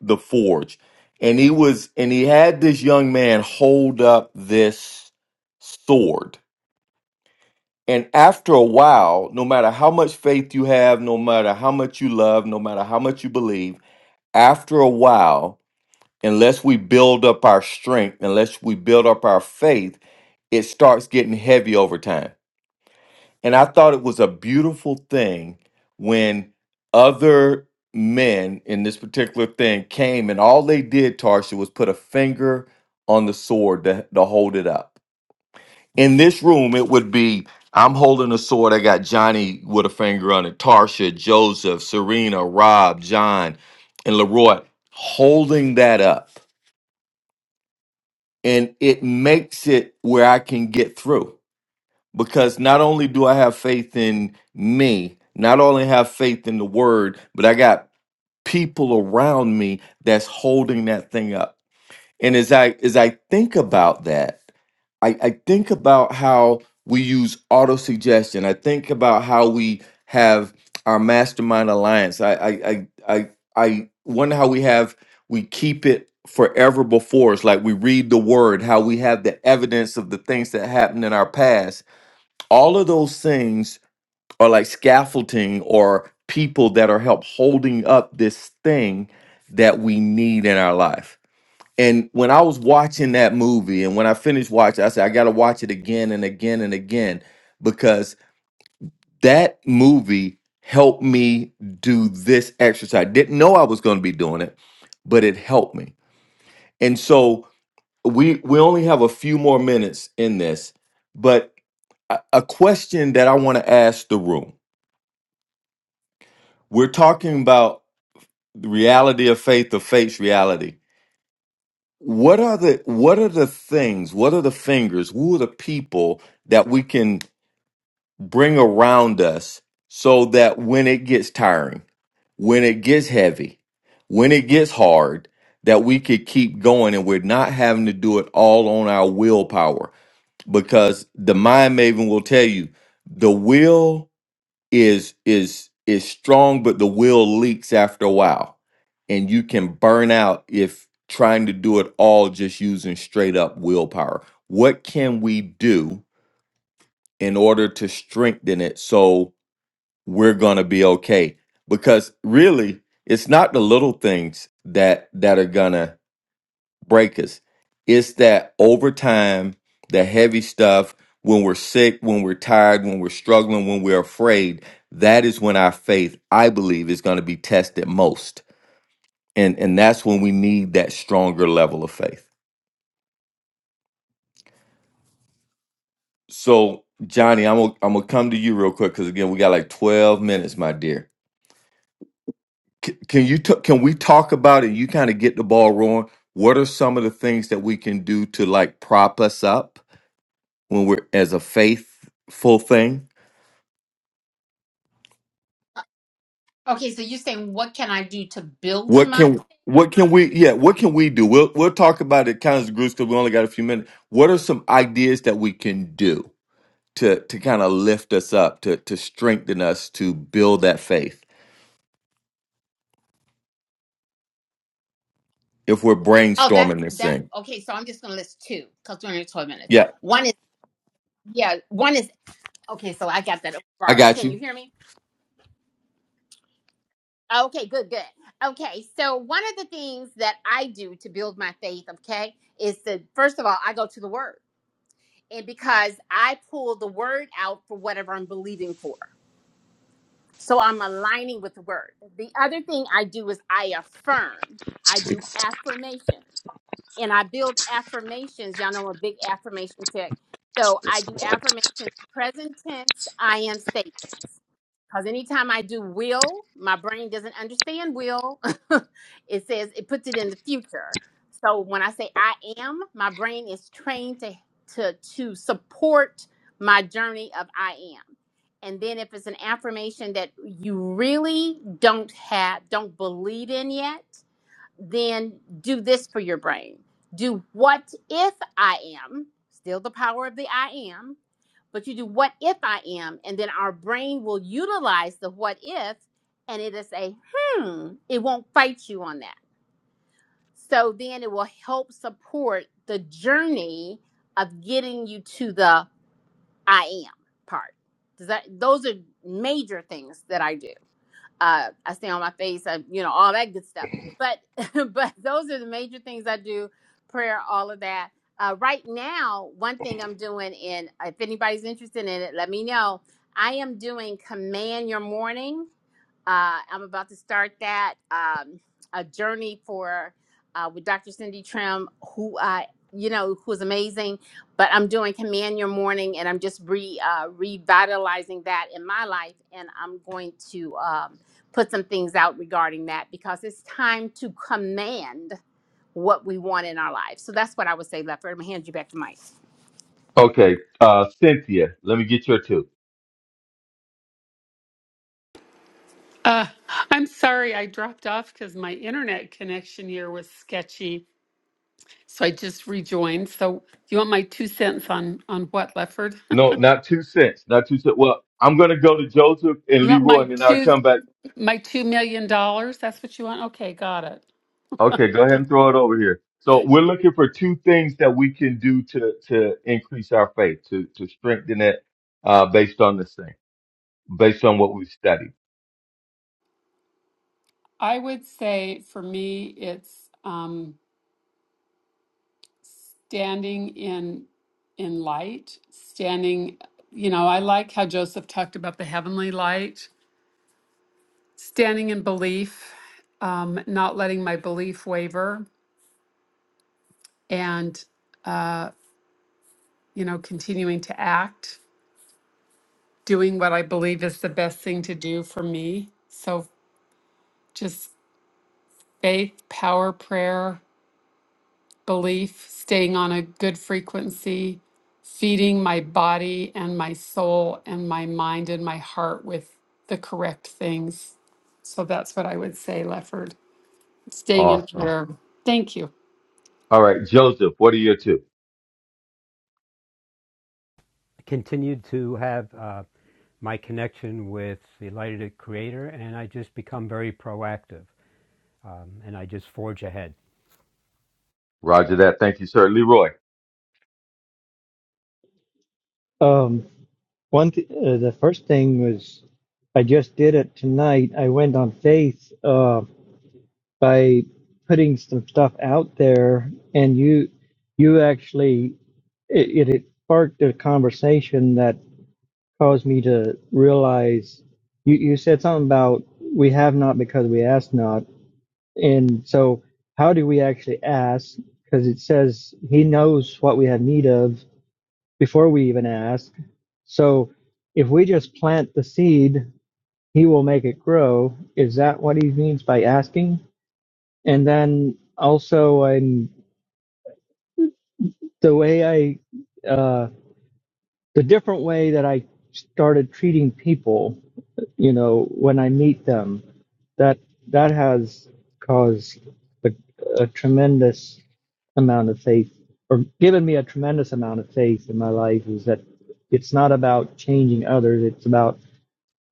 S3: the forge and he was and he had this young man hold up this sword And after a while, no matter how much faith you have, no matter how much you love, no matter how much you believe, after a while, unless we build up our strength, unless we build up our faith, it starts getting heavy over time. And I thought it was a beautiful thing when other men in this particular thing came and all they did, Tarsha, was put a finger on the sword to, to hold it up in this room, it would be I'm holding a sword. I got Johnny with a finger on it, Tarsha, Joseph, Serena, Rob, John, and Leroy holding that up. And it makes it where I can get through because not only do I have faith in me, not only have faith in the word, but I got people around me that's holding that thing up. And as I as I think about that, I, I think about how we use auto suggestion. I think about how we have our mastermind alliance. I I I I, I wonder how we have we keep it forever before us, like we read the word, how we have the evidence of the things that happened in our past. All of those things are like scaffolding or people that are help holding up this thing that we need in our life and when I was watching that movie, and when I finished watching, I said, I got to watch it again and again and again because that movie helped me do this exercise. Didn't know I was going to be doing it, but it helped me. And so we we only have a few more minutes in this, but a, a question that I want to ask the room: We're talking about the reality of faith, the faith's reality What are the what are the things? What are the fingers? Who are the people that we can bring around us so that when it gets tiring, when it gets heavy, when it gets hard, that we could keep going and we're not having to do it all on our willpower. Because the mind maven will tell you the will is is is strong but the will leaks after a while and you can burn out if trying to do it all just using straight up willpower what can we do in order to strengthen it so we're going to be okay because really it's not the little things that that are going to breakers. It's that overtime, the heavy stuff when we're sick, when we're tired, when we're struggling, when we're afraid. That is when our faith, I believe, is going to be tested most. And and that's when we need that stronger level of faith. So, Johnny, I'm gonna, I'm gonna come to you real quick because again, we got like 12 minutes, my dear. C- can you t- can we talk about it? You kind of get the ball rolling. What are some of the things that we can do to like prop us up when we're as a faithful thing?
S2: Okay, so you're saying what can I do to build
S3: What
S2: my?
S3: can what can we yeah, what can we do? We'll we'll talk about it kind of groups because we only got a few minutes. What are some ideas that we can do to to kind of lift us up, to to strengthen us, to build that faith if we're
S2: Oh,
S3: brainstorming
S2: that's
S3: this
S2: that.
S3: thing?
S2: Okay, so I'm just gonna list two because we're only twelve minutes.
S3: Yeah,
S2: One is yeah. One is okay. So I got that
S3: I
S2: far up.
S3: got
S2: Can you
S3: you.
S2: hear me? Okay, good, good. Okay, so one of the things that I do to build my faith, okay, is to first of all I go to the Word, and because I pull the Word out for whatever I'm believing for. So I'm aligning with the word. The other thing I do is I affirm. I do affirmations and I build affirmations. Y'all know I'm a big affirmation tech. So I do affirmations, present tense, I am statements. Because anytime I do will, my brain doesn't understand will. it says it puts it in the future. So when I say I am, my brain is trained to to to support my journey of I am. And then if it's an affirmation that you really don't have, don't believe in yet, then do this for your brain. Do what if I am, still the power of the I am, but you do what if I am, and then our brain will utilize the what if, and it'll say, hmm, it won't fight you on that. So then it will help support the journey of getting you to the I am part. Does that those are major things that I do. Uh, I stay on my face. I, you know, all that good stuff. But but those are the major things I do. Prayer, all of that. Uh, right now, one thing I'm doing, and if anybody's interested in it, let me know. I am doing Command Your Morning uh, I'm about to start that um, a journey for uh, with Dr. Cindy Trim, who I you know who is amazing. But I'm doing Command Your Morning, and I'm just re uh, revitalizing that in my life, and I'm going to um, put some things out regarding that because it's time to command what we want in our lives. So that's what I would say, Lefford. I'm gonna hand you back to Mike.
S3: Okay, uh, Cynthia, let me get your two.
S5: Uh, I'm sorry I dropped off because my internet connection here was sketchy. So I just rejoined. So you want my two cents on on what, Lefford?
S3: No, not two cents, not two cents. Well, I'm gonna go to Joseph and
S5: You want
S3: Leroy,
S5: my
S3: and then I'll
S5: two
S3: come back.
S5: my two million dollars? That's what you want? Okay, got it.
S3: Okay, go ahead and throw it over here. So we're looking for two things that we can do to to increase our faith, to to strengthen it, uh, based on this thing, based on what we've studied.
S5: I would say for me it's um standing in in light standing you know i like how joseph talked about the heavenly light standing in belief um, not letting my belief waver and uh, you know continuing to act doing what i believe is the best thing to do for me so just faith power prayer belief, staying on a good frequency, feeding my body and my soul and my mind and my heart with the correct things. So that's what I would say, Lefford. Staying in
S3: Awesome.
S5: prayer. Thank you.
S3: All right, Joseph, what are your two?
S6: continued to have uh, my connection with the Light of the Creator, and I just become very proactive um, and I just forge ahead.
S3: Roger that. Thank you, sir. Leroy,
S7: Um, one th- uh, the first thing was I just did it tonight. I went on faith uh, by putting some stuff out there, and you you actually it, it it sparked a conversation that caused me to realize you you said something about we have not because we ask not And so, how do we actually ask? Because it says He knows what we have need of before we even ask. So, if we just plant the seed, He will make it grow. Is that what He means by asking? And then also, I'm, the way I, uh, the different way that I started treating people, you know, when I meet them, that that has caused a, a tremendous amount of faith or given me a tremendous amount of faith in my life is that it's not about changing others it's about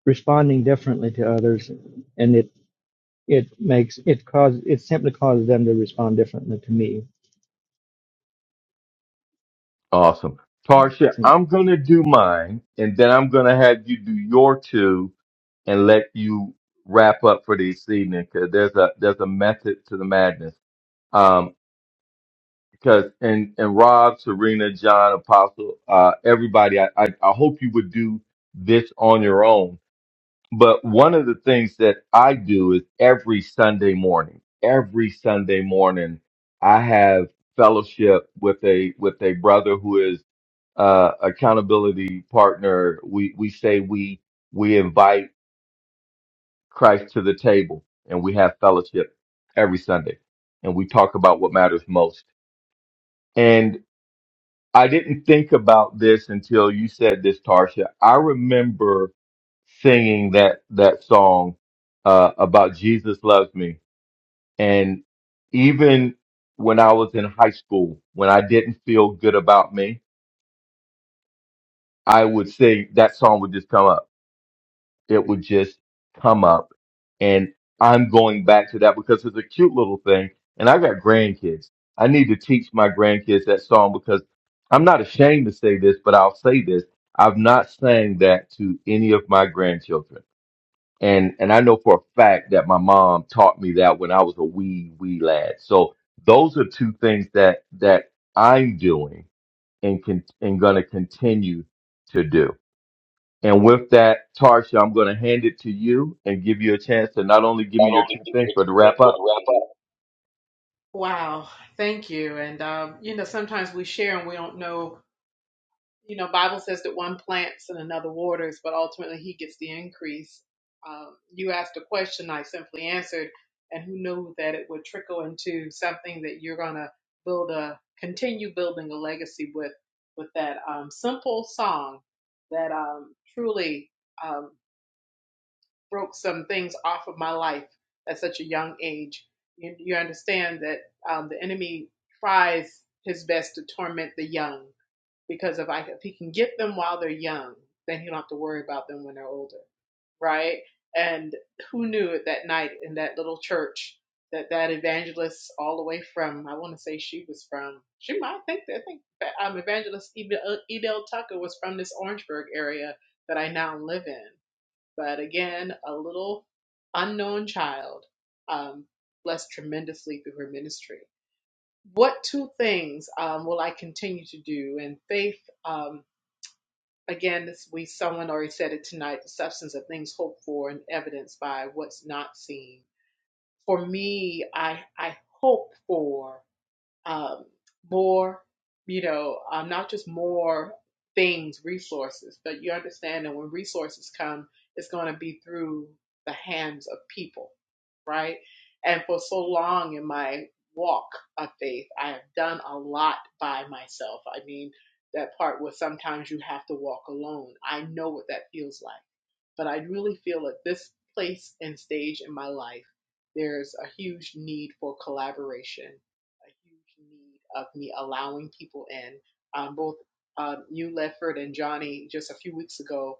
S7: responding differently to others and it it makes it cause it simply causes them to respond differently to me
S3: awesome. Tarsha, I'm gonna do mine, and then I'm gonna have you do your two, and let you wrap up for this evening because there's a there's a method to the madness. Um, because and and Rob, Serena, John, Apostle, uh, everybody, I, I I hope you would do this on your own. But one of the things that I do is every Sunday morning, every Sunday morning, I have fellowship with a with a brother who is uh, accountability partner. We we say we we invite Christ to the table, and we have fellowship every Sunday, and we talk about what matters most. I didn't think about this until you said this, Tarsha. I remember singing that that song uh, about Jesus loves me, and even when I was in high school, when I didn't feel good about me, I would sing that song would just come up. it would just come up. And I'm going back to that because it's a cute little thing. And I got grandkids. I need to teach my grandkids that song because I'm not ashamed to say this, but I'll say this. I've not sang that to any of my grandchildren. And and I know for a fact that my mom taught me that when I was a wee, wee lad. So those are two things that that I'm doing and can and gonna continue to do. And with that, Tarsha, I'm going to hand it to you and give you a chance to not only give me
S1: Not
S3: your
S1: only
S3: two
S1: give me
S3: things,
S1: what
S3: but
S1: you
S3: to
S1: think,
S3: wrap
S1: but
S3: up.
S1: wrap up. Wow, thank you. And um, you know, sometimes we share and we don't know you know, Bible says that one plants and another waters, but ultimately he gets the increase. Um, you asked a question, I simply answered, and who knew that it would trickle into something that you're gonna build a continue building a legacy with with that um, simple song that um, truly um, broke some things off of my life at such a young age. You, you understand that um, the enemy tries his best to torment the young because if I if he can get them while they're young, then he don't have to worry about them when they're older, right? And who knew at that night in that little church that that evangelist, all the way from I want to say she was from she might think that I think um, evangelist Edel Tucker was from this Orangeburg area that I now live in. But again, a little unknown child um, blessed tremendously through her ministry. What two things um, will I continue to do? And faith. Um, again, this, we someone already said it tonight. The substance of things hoped for and evidenced by what's not seen. For me, I I hope for um, more, you know, um, not just more things, resources, but you understand that when resources come, it's going to be through the hands of people, right? And for so long in my walk of faith, I have done a lot by myself. I mean, that part where sometimes you have to walk alone. I know what that feels like. But I really feel at this place and stage in my life, there's a huge need for collaboration a huge need of me allowing people in. Um, both um, you, Lefford, and Johnny, just a few weeks ago,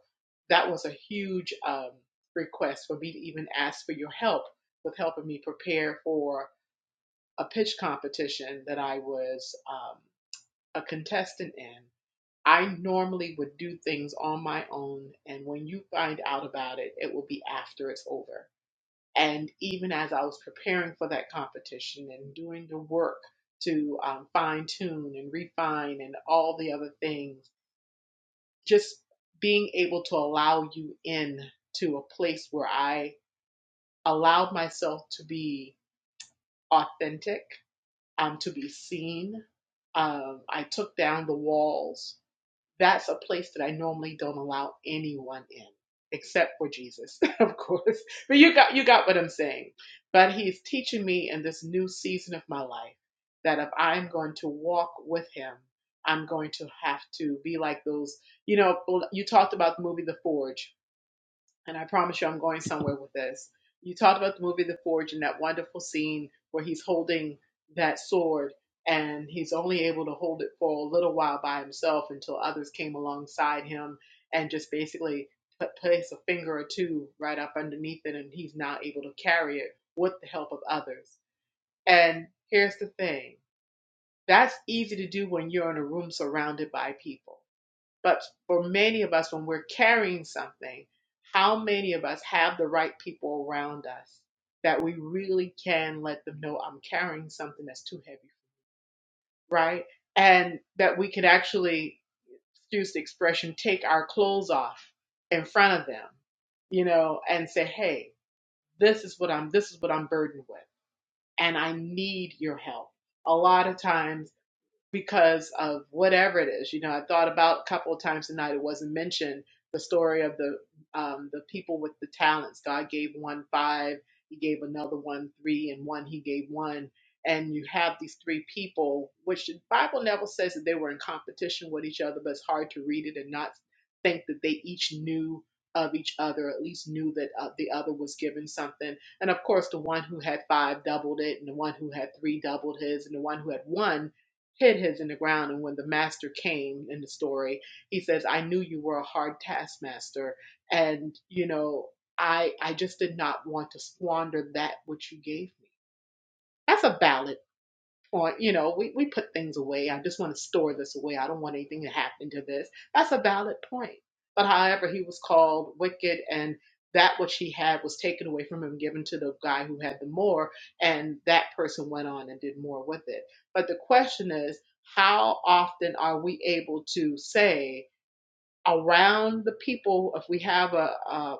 S1: that was a huge um, request for me to even ask for your help with helping me prepare for a pitch competition that I was um, a contestant in. I normally would do things on my own, and when you find out about it, it will be after it's over and even as I was preparing for that competition and doing the work to um, fine tune and refine and all the other things, just being able to allow you in to a place where I allowed myself to be authentic, um, to be seen. Um, I took down the walls that's a place that I normally don't allow anyone in, except for Jesus, of course. But you got you got what I'm saying. But he's teaching me in this new season of my life that if I'm going to walk with him, I'm going to have to be like those, you know, you talked about the movie The Forge and I promise you I'm going somewhere with this. You talked about the movie The Forge and that wonderful scene where he's holding that sword and he's only able to hold it for a little while by himself until others came alongside him and just basically put, place a finger or two right up underneath it and he's now able to carry it with the help of others. And here's the thing that's easy to do when you're in a room surrounded by people but for many of us, when we're carrying something, how many of us have the right people around us that we really can let them know I'm carrying something that's too heavy, right? And that we could actually, excuse the expression, take our clothes off in front of them, you know, and say, hey, this is what I'm, this is what I'm burdened with, and I need your help. A lot of times because of whatever it is. You know, I thought about a couple of times tonight. It wasn't mentioned the story of the um, the people with the talents. God gave one five, He gave another one three, and one He gave one. And you have these three people, which the Bible never says that they were in competition with each other, but it's hard to read it and not think that they each knew of each other, at least knew that uh, the other was given something. And of course, the one who had five doubled it, and the one who had three doubled his, and the one who had one hid his in the ground. And when the master came in the story, he says, I knew you were a hard taskmaster. And, you know, I, I just did not want to squander that which you gave me. That's a ballad or you know we, we put things away i just want to store this away i don't want anything to happen to this that's a valid point but however he was called wicked and that which he had was taken away from him given to the guy who had the more and that person went on and did more with it but the question is how often are we able to say around the people if we have a, a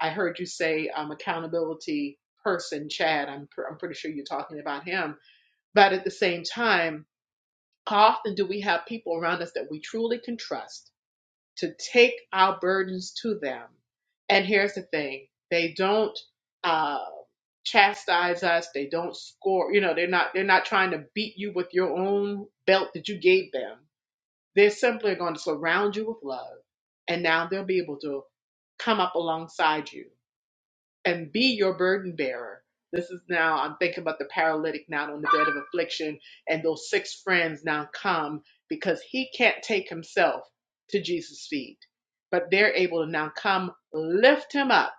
S1: I heard you say um, accountability person, Chad. I'm, pr- I'm pretty sure you're talking about him but at the same time, how often do we have people around us that we truly can trust to take our burdens to them? And here's the thing they don't uh, chastise us, they don't score, you know, they're not, they're not trying to beat you with your own belt that you gave them. They're simply going to surround you with love, and now they'll be able to come up alongside you and be your burden bearer. This is now, I'm thinking about the paralytic now on the bed of affliction, and those six friends now come because he can't take himself to Jesus' feet, but they're able to now come lift him up.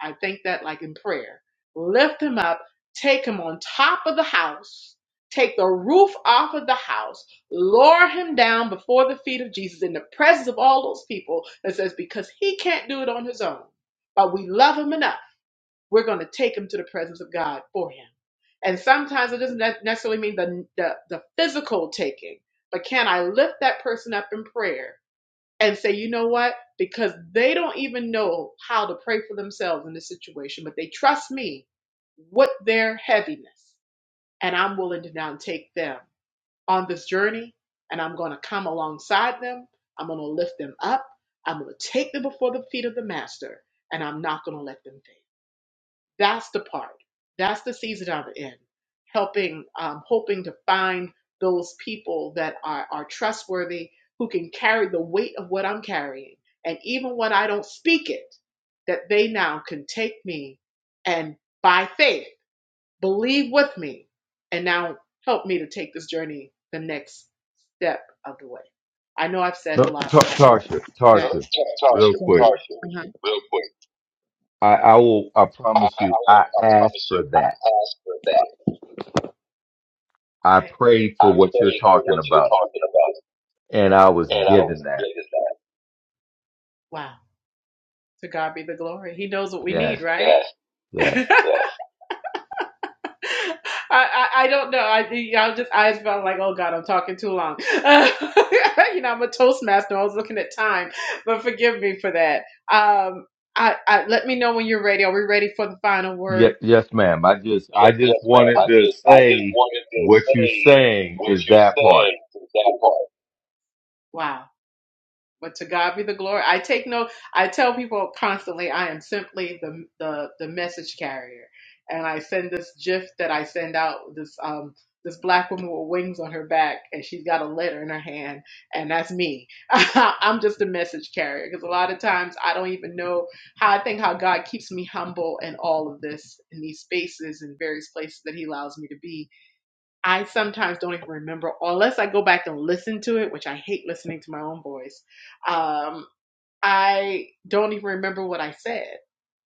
S1: I think that like in prayer lift him up, take him on top of the house, take the roof off of the house, lower him down before the feet of Jesus in the presence of all those people that says, because he can't do it on his own, but we love him enough we're going to take him to the presence of God for him. And sometimes it doesn't ne- necessarily mean the, the the physical taking, but can I lift that person up in prayer and say, you know what? Because they don't even know how to pray for themselves in this situation, but they trust me with their heaviness, and I'm willing to now take them on this journey, and I'm going to come alongside them. I'm going to lift them up. I'm going to take them before the feet of the master, and I'm not going to let them fail. That's the part. That's the season I'm in, helping, um, hoping to find those people that are, are trustworthy, who can carry the weight of what I'm carrying. And even when I don't speak it, that they now can take me and by faith believe with me and now help me to take this journey the next step of the way. I know I've said a
S3: No,
S1: lot, but
S3: Tar-
S1: I hope
S3: Tarsha,
S1: that. Uh,
S3: Tarsha, real
S1: Tasha,
S3: quick.
S1: Tasha, Uh-huh. real quick.
S3: I, I will. I
S1: I,
S3: promise
S1: I
S3: you.
S1: will,
S3: I
S1: I
S3: asked
S1: promise you,
S3: for
S1: I
S3: that.
S1: asked for that.
S3: I
S1: Okay.
S3: prayed for
S1: I
S3: what you're
S1: prayed for
S3: talking
S1: what you're
S3: about,
S1: talking about,
S3: and I was
S1: and I
S3: given
S1: was
S3: that.
S1: given that. Wow. To God be the glory. He knows what we
S3: Yes,
S1: need, right? Yes, yes.
S3: yes,
S1: I, I I don't know. I I just I just felt like, oh God, I'm talking too long. Uh, you know, I'm a toastmaster. I was looking at time, but forgive me for that. Um, I, I let me know when you're ready. Are we ready for the final word?
S3: yes, yes, ma'am. I just, I
S1: Yes,
S3: just
S1: yes, ma'am. I
S3: wanted
S1: Okay.
S3: to
S1: just, I just
S3: say
S1: wanted to
S3: what you're
S1: say
S3: saying
S1: what
S3: is
S1: you
S3: that part.
S1: said to that part. Wow. But to God be the glory. I take no. I tell people constantly, I am simply the the the message carrier, and I send this GIF that I send out. This um this black woman with wings on her back, and she's got a letter in her hand, and that's me. I'm just a message carrier because a lot of times I don't even know how. I think how God keeps me humble in all of this in these spaces and various places that He allows me to be I sometimes don't even remember unless I go back and listen to it, which I hate listening to my own voice. Um, I don't even remember what I said.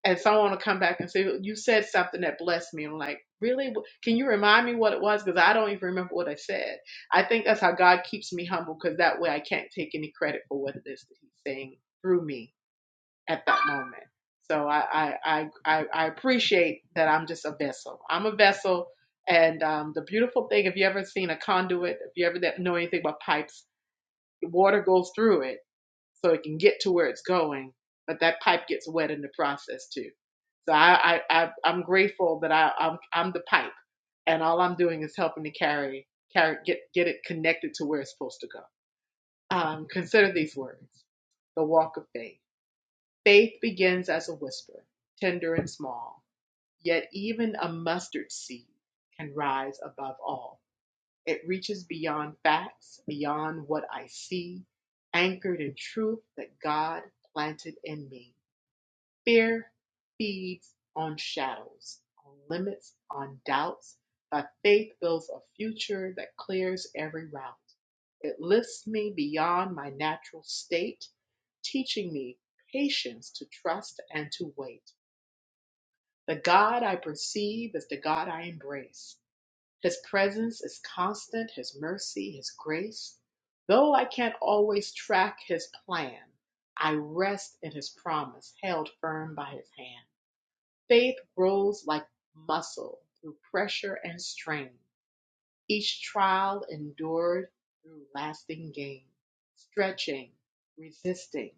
S1: And someone will come back and say, You said something that blessed me. I'm like, Really? Can you remind me what it was? Because I don't even remember what I said. I think that's how God keeps me humble because that way I can't take any credit for what it is that He's saying through me at that moment. So I I I I, appreciate that I'm just a vessel. I'm a vessel, and um, the beautiful thing, if you ever seen a conduit, if you ever know anything about pipes, the water goes through it so it can get to where it's going, but that pipe gets wet in the process too. So I I, I I'm grateful that I I'm I'm the pipe, and all I'm doing is helping to carry carry get get it connected to where it's supposed to go. Um, consider these words: the walk of faith. Faith begins as a whisper, tender and small, yet even a mustard seed can rise above all. It reaches beyond facts, beyond what I see, anchored in truth that God planted in me. Fear feeds on shadows, on limits, on doubts. but faith builds a future that clears every route. It lifts me beyond my natural state, teaching me patience to trust and to wait. The God I perceive is the God I embrace. His presence is constant, His mercy, His grace. Though I can't always track His plan, I rest in His promise, held firm by His hand. Faith grows like muscle through pressure and strain, each trial endured through lasting gain. Stretching, resisting,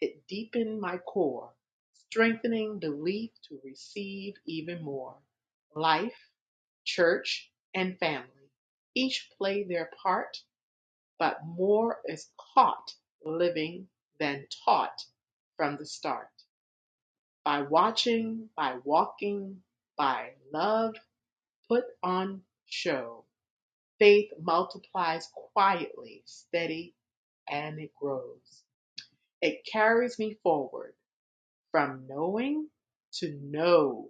S1: it deepened my core, strengthening belief to receive even more. Life, church, and family each play their part, but more is caught living than taught from the start. By watching, by walking, by love put on show, faith multiplies quietly, steady, and it grows. It carries me forward from knowing to know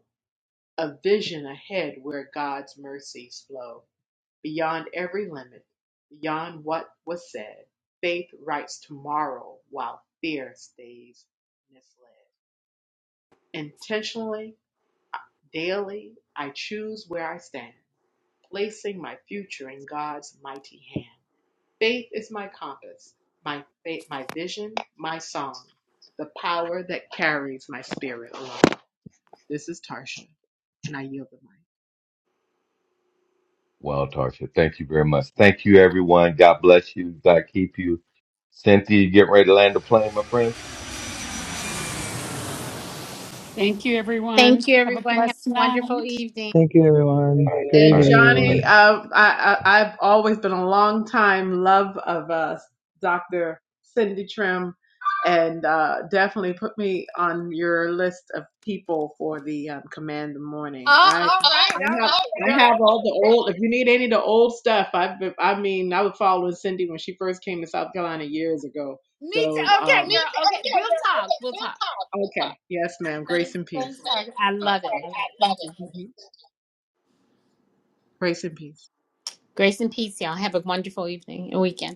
S1: a vision ahead where God's mercies flow beyond every limit, beyond what was said. Faith writes tomorrow while fear stays misled. Intentionally Daily, I choose where I stand, placing my future in God's mighty hand. Faith is my compass, my faith, my vision, my song, the power that carries my spirit along. This is Tarsha, and I yield the mic.
S3: Wow, Tarsha. Thank you very much. Thank you, everyone. God bless you. God keep you. Cynthia, you getting ready to land the plane, my friend?
S5: Thank you,
S2: Thank
S5: everyone.
S2: you,
S5: Have a
S2: everyone. Have
S5: blessed
S2: a wonderful
S5: night.
S2: evening.
S7: thank you everyone good
S3: All
S1: And
S3: right.
S7: evening
S3: Good night.
S7: everyone
S1: Johnny, uh, I, I, I've always been a long time love of uh, Dr. Cindy Trim, and uh, definitely put me on your list of people for the um, Command the Morning.
S2: Oh,
S1: I,
S2: all right,
S1: I
S2: all
S1: have,
S2: right, girl.
S1: I have all the old. If you need any of the old stuff, I've, I mean, I was following Cindy when she first came to South Carolina years ago.
S2: Me too.
S1: So, um,
S2: Okay, girl. Okay. We'll talk. We'll talk.
S1: okay, yes, ma'am. Grace
S2: Thanks.
S1: and
S2: Thanks,
S1: peace.
S2: Target. I
S1: Uh,
S2: love it. I love it. Thank you.
S1: mhm. Grace and peace.
S2: Grace and peace, y'all. Have a wonderful evening and weekend.